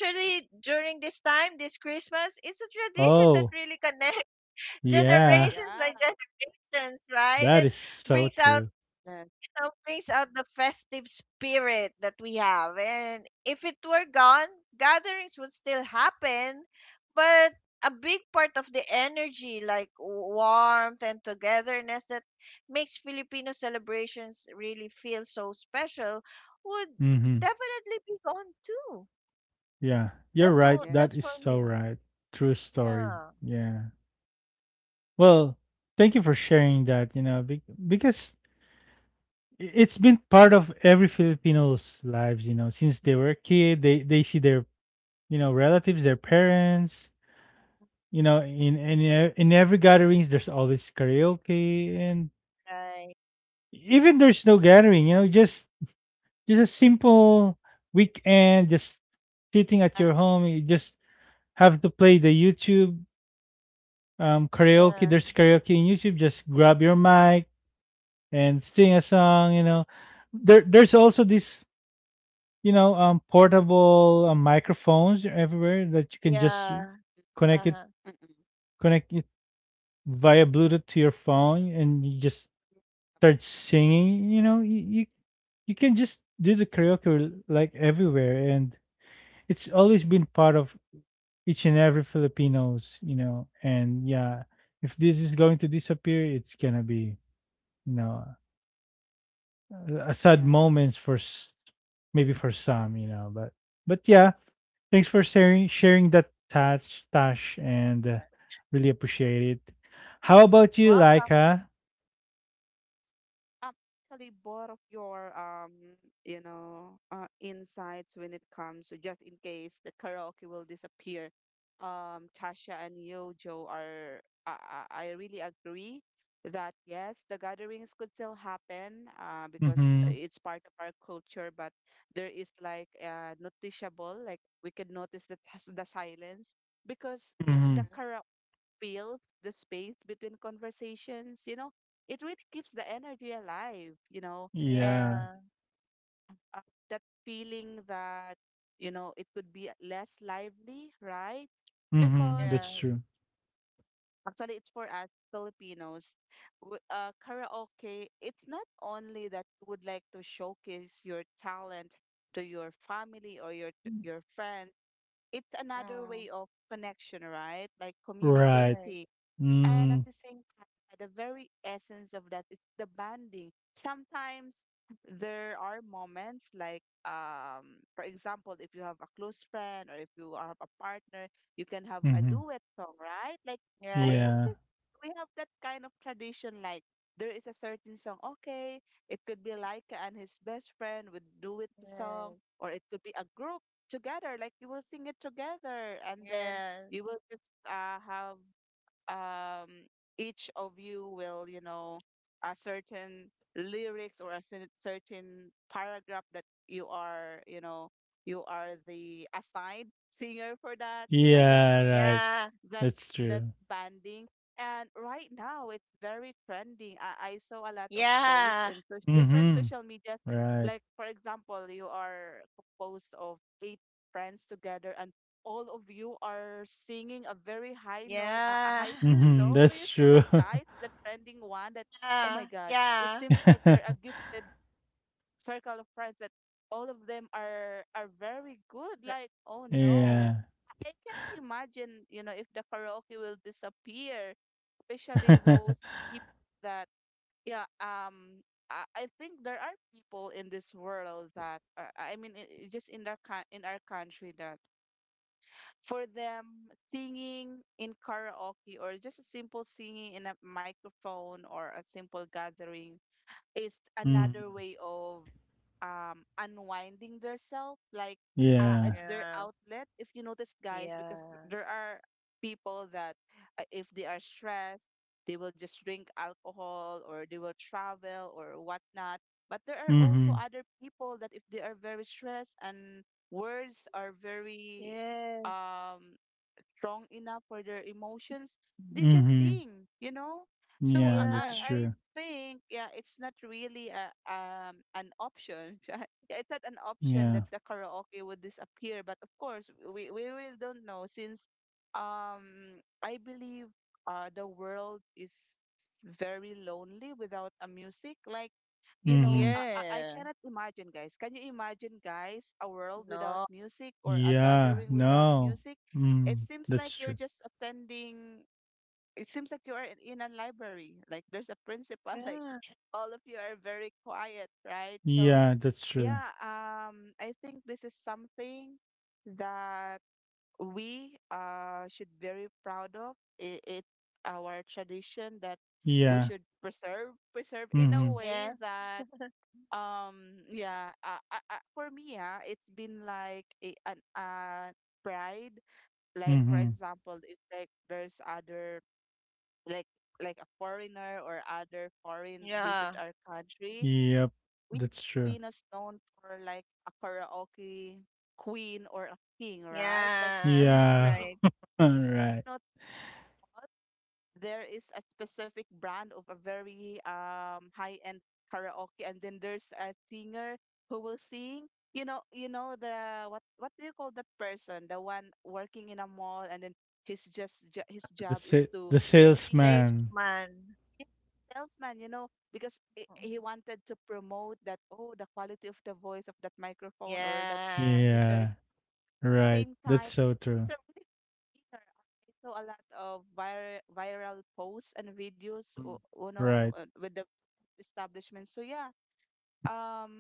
[SPEAKER 2] mm,
[SPEAKER 3] during this time, this Christmas, it's a tradition that
[SPEAKER 1] Oh,
[SPEAKER 3] really connects
[SPEAKER 1] yeah.
[SPEAKER 2] yeah,
[SPEAKER 3] generations by generations, right?
[SPEAKER 1] That
[SPEAKER 3] And
[SPEAKER 1] is so
[SPEAKER 3] brings out
[SPEAKER 1] true.
[SPEAKER 2] yes,
[SPEAKER 3] song brings out the festive spirit that we have. And if it were gone, gatherings would still happen, but a big part of the energy, like warmth and togetherness that makes Filipino celebrations really feel so special, would
[SPEAKER 1] Mhm.
[SPEAKER 3] definitely be gone too.
[SPEAKER 1] Yeah. You're
[SPEAKER 2] yeah,
[SPEAKER 1] right. That
[SPEAKER 3] That's
[SPEAKER 1] is
[SPEAKER 3] for
[SPEAKER 1] so
[SPEAKER 3] me.
[SPEAKER 1] right. True story.
[SPEAKER 3] Yeah.
[SPEAKER 1] Yeah. Well, thank you for sharing that, you know, because it's been part of every Filipino's lives, you know, since they were a kid, they see their, you know, relatives, their parents, you know, in in every gatherings there's always karaoke. And
[SPEAKER 3] Right.
[SPEAKER 1] even there's no gathering, you know, just a simple weekend, just sitting at your
[SPEAKER 3] Right.
[SPEAKER 1] home, you just have to play the YouTube karaoke.
[SPEAKER 3] Yeah.
[SPEAKER 1] There's karaoke in YouTube, just grab your mic and sing a song, you know. There there's also this, you know, portable microphones everywhere that you can just
[SPEAKER 3] Yeah. Uh
[SPEAKER 1] connect it
[SPEAKER 3] huh.
[SPEAKER 2] mm, mm,
[SPEAKER 1] connect it via Bluetooth to your phone and you just start singing, you know, you you can just do the karaoke like everywhere, and it's always been part of each and every Filipinos, you know. And yeah, if this is going to disappear, it's gonna be, you know, a
[SPEAKER 2] yeah.
[SPEAKER 1] sad moments for maybe for some, you know. But yeah, thanks for sharing that, Tash, and really appreciate it. How about you,
[SPEAKER 3] Welcome.
[SPEAKER 1] Laika?
[SPEAKER 2] um, Actually, both of your insights when it comes to, just in case the karaoke will disappear, Tasha and Yojo, are I, I really agree that yes, the gatherings could still happen, because it's
[SPEAKER 1] Mm-hmm.
[SPEAKER 2] part of our culture, but there is like noticeable, like we can notice the silence, because the
[SPEAKER 1] Mm-hmm.
[SPEAKER 3] Mm.
[SPEAKER 2] karaoke fills the space between conversations, you know. It really keeps the energy alive, you know, and
[SPEAKER 1] Yeah.
[SPEAKER 3] Yeah.
[SPEAKER 2] uh, that feeling that, you know, it could be less lively, right? Because
[SPEAKER 1] Mm-hmm.
[SPEAKER 3] Yeah.
[SPEAKER 1] That's true.
[SPEAKER 2] actually, it's for us Filipinos. Karaoke, it's not only that you would like to showcase your talent to your family or your friends. It's another way of
[SPEAKER 3] Mm.
[SPEAKER 2] connection, right? Like communicating.
[SPEAKER 1] Right.
[SPEAKER 3] Right,
[SPEAKER 2] And at the
[SPEAKER 1] Mhm.
[SPEAKER 2] same time, at the very essence of that, it's the bonding. Sometimes there are moments like, for example, if you have a close friend or if you have a partner, you can have a duet
[SPEAKER 1] Mhm.
[SPEAKER 2] song, right? Like we have this,
[SPEAKER 3] right,
[SPEAKER 1] Yeah.
[SPEAKER 2] we have that kind of tradition. Like there is a certain song. Okay, it could be Laika and his best friend would duet the song,
[SPEAKER 3] right.
[SPEAKER 2] or it could be a group together. Like you will sing it together, and then you will
[SPEAKER 3] Yes,
[SPEAKER 2] just have um, each of you will, you know, a certain lyrics or a certain paragraph that you are, you know, you are the assigned singer for that, you know,
[SPEAKER 1] Yeah, right.
[SPEAKER 3] yeah,
[SPEAKER 2] that
[SPEAKER 1] That's
[SPEAKER 2] that
[SPEAKER 1] true.
[SPEAKER 2] banding. And right now, it's very trending. I saw a lot of posts in
[SPEAKER 3] yeah,
[SPEAKER 2] different social
[SPEAKER 1] Mhm.
[SPEAKER 2] media. Like,
[SPEAKER 1] Right.
[SPEAKER 2] for example, you are composed of eight friends together, and all of you are singing a very high note, a high
[SPEAKER 3] yeah,
[SPEAKER 2] pitched song. Do
[SPEAKER 1] Mhm.
[SPEAKER 2] you
[SPEAKER 1] That's
[SPEAKER 2] see that,
[SPEAKER 1] true.
[SPEAKER 2] guys? The trending one that, oh my
[SPEAKER 3] yeah,
[SPEAKER 2] God, it
[SPEAKER 3] yeah,
[SPEAKER 2] seems like they're a gifted circle of friends that all of them are very good. Like,
[SPEAKER 3] r-
[SPEAKER 2] oh no,
[SPEAKER 3] yeah,
[SPEAKER 1] Yeah.
[SPEAKER 2] I can't imagine, you know, if the karaoke will disappear, especially those people that, yeah, I think there are people in this world that, are, I mean, just in our in our country that for them, singing in karaoke or just a simple singing in a microphone or a simple gathering is another way
[SPEAKER 1] Mhm.
[SPEAKER 2] of unwinding themselves. Like it's
[SPEAKER 1] Yeah.
[SPEAKER 2] their
[SPEAKER 3] yeah,
[SPEAKER 2] outlet, if you notice, guys, because there are people that if they are stressed, they will just drink alcohol or they will travel or whatnot. But there are also other
[SPEAKER 1] Mhm.
[SPEAKER 2] people that if they are very stressed and words are very
[SPEAKER 3] yeah, yes,
[SPEAKER 2] um strong enough for their emotions, they just sing,
[SPEAKER 1] Mhm.
[SPEAKER 2] you know? So
[SPEAKER 1] Yeah,
[SPEAKER 2] I
[SPEAKER 1] that's
[SPEAKER 3] yeah,
[SPEAKER 1] true.
[SPEAKER 2] think, yeah, it's not really a, an option. Yeah, it's not an option that the
[SPEAKER 1] Yeah.
[SPEAKER 2] karaoke would disappear. But of course, we really don't know, since I believe the world is very lonely without a music. Like, you know,
[SPEAKER 1] Mhm.
[SPEAKER 2] I cannot
[SPEAKER 3] yeah,
[SPEAKER 2] imagine, guys. Can you imagine, guys, a world without
[SPEAKER 3] no,
[SPEAKER 2] music or a gathering
[SPEAKER 1] Yeah.
[SPEAKER 2] without music?
[SPEAKER 1] No.
[SPEAKER 2] It seems
[SPEAKER 1] Mm.
[SPEAKER 2] like you're
[SPEAKER 1] That's
[SPEAKER 2] just
[SPEAKER 1] true.
[SPEAKER 2] attending. It seems like you are in a library. Like there's a principal. Like
[SPEAKER 3] yeah,
[SPEAKER 2] all of you are very quiet, right? So
[SPEAKER 1] Yeah, that's
[SPEAKER 2] yeah,
[SPEAKER 1] true.
[SPEAKER 2] I think this is something that we should very proud of. It our tradition that we should
[SPEAKER 1] Yeah.
[SPEAKER 2] preserve in a way
[SPEAKER 1] Mhm.
[SPEAKER 3] yeah,
[SPEAKER 2] that yeah, for me, yeah, it's been like a an pride. Like for
[SPEAKER 1] Mhm.
[SPEAKER 2] example, if like there's other like like a foreigner or other foreign visit
[SPEAKER 3] yeah,
[SPEAKER 2] our country,
[SPEAKER 1] Yep.
[SPEAKER 2] we
[SPEAKER 1] That's
[SPEAKER 2] Filipinos
[SPEAKER 1] true.
[SPEAKER 2] known for like a karaoke queen or a king, right? Like
[SPEAKER 3] yeah,
[SPEAKER 2] if
[SPEAKER 1] Yeah.
[SPEAKER 3] right,
[SPEAKER 1] All
[SPEAKER 2] not,
[SPEAKER 1] right.
[SPEAKER 2] there is a specific brand of a very high-end karaoke, and then there's a singer who will sing, you know, you know the, what do you call that person, the one working in a mall, and then his just his job is to
[SPEAKER 1] The
[SPEAKER 3] right.
[SPEAKER 2] be
[SPEAKER 3] Safe
[SPEAKER 1] salesman.
[SPEAKER 3] man,
[SPEAKER 2] salesman, you know, because he
[SPEAKER 3] mhm,
[SPEAKER 2] wanted to promote that, oh, the quality of the voice of that microphone or that
[SPEAKER 3] yeah,
[SPEAKER 2] speaker.
[SPEAKER 1] Yeah,
[SPEAKER 2] Same
[SPEAKER 1] right.
[SPEAKER 2] time,
[SPEAKER 1] That's so
[SPEAKER 2] he's a
[SPEAKER 1] true.
[SPEAKER 2] really good singer. I saw a lot of viral posts and videos,
[SPEAKER 1] Mm.
[SPEAKER 2] you know,
[SPEAKER 1] Right.
[SPEAKER 2] with the establishment. So yeah, um,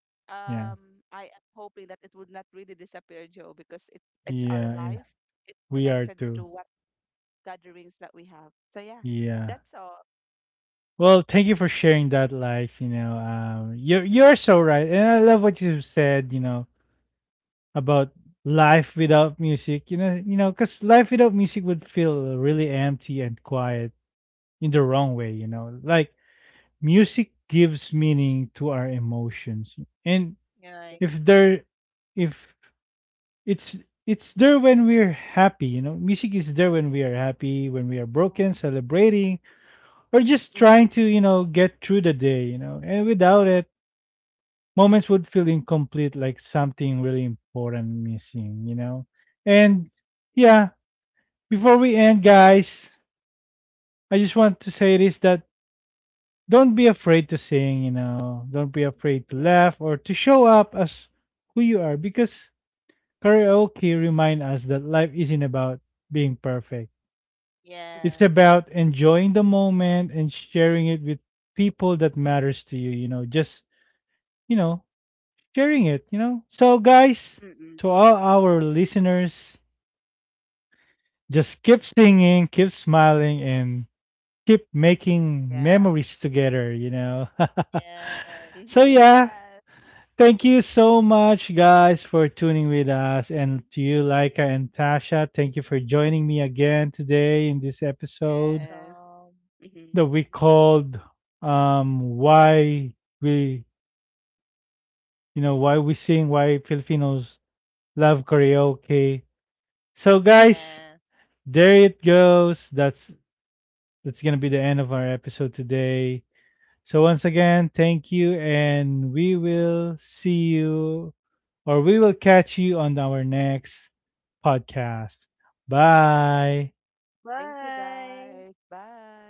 [SPEAKER 2] um,
[SPEAKER 1] Yeah.
[SPEAKER 2] I am hoping that it would not really disappear, Joe, because it it's our life.
[SPEAKER 1] Yeah, yeah.
[SPEAKER 2] It's
[SPEAKER 1] We
[SPEAKER 2] connected
[SPEAKER 1] are
[SPEAKER 2] to what
[SPEAKER 1] too.
[SPEAKER 2] gatherings that we have. So yeah, that's
[SPEAKER 1] Yeah.
[SPEAKER 2] all.
[SPEAKER 1] Well, thank you for sharing that, Likes. You know, you're so right, and I love what you said. You know, about life without music. You know, because life without music would feel really empty and quiet in the wrong way. You know, like music gives meaning to our emotions, and
[SPEAKER 2] Yeah.
[SPEAKER 3] right,
[SPEAKER 1] if there, if it's it's there when we're happy, you know, music is there when we are happy, when we are
[SPEAKER 3] mm,
[SPEAKER 1] broken, celebrating or
[SPEAKER 2] Mm-mm,
[SPEAKER 1] just trying to, you know, get through the day, you know, and without it, moments would feel incomplete, like something really important missing, you know. And yeah, before we end, guys, I just want to say this, that don't be afraid to sing, you know, don't be afraid
[SPEAKER 2] yeah.
[SPEAKER 1] to laugh or to show up as who you are, because karaoke remind us that life isn't about being perfect.
[SPEAKER 2] Mm-mm,
[SPEAKER 3] yeah,
[SPEAKER 1] It's about enjoying the moment and sharing it with people that matters to you, you know, just, you know, sharing it, you know. So guys,
[SPEAKER 2] mm-mm,
[SPEAKER 1] to all our listeners, just keep singing, keep smiling and keep making
[SPEAKER 2] yeah.
[SPEAKER 1] memories together, you know.
[SPEAKER 3] yes,
[SPEAKER 1] So yeah,
[SPEAKER 2] Yes.
[SPEAKER 1] thank you so much, guys, for tuning with us, and to you Laika and Tasha, thank you for joining me again today in this
[SPEAKER 2] Yes.
[SPEAKER 1] episode.
[SPEAKER 3] calm,
[SPEAKER 2] Hmm.
[SPEAKER 1] That we called, why we, you know, why we sing, why Filipinos love karaoke. So
[SPEAKER 3] yeah.
[SPEAKER 1] guys, there it goes. That's gonna be the end of our episode today. So once again, thank you, and we will see you, or we will catch you on our next podcast. Bye.
[SPEAKER 2] Thank you,
[SPEAKER 3] Bye.
[SPEAKER 2] guys. Bye.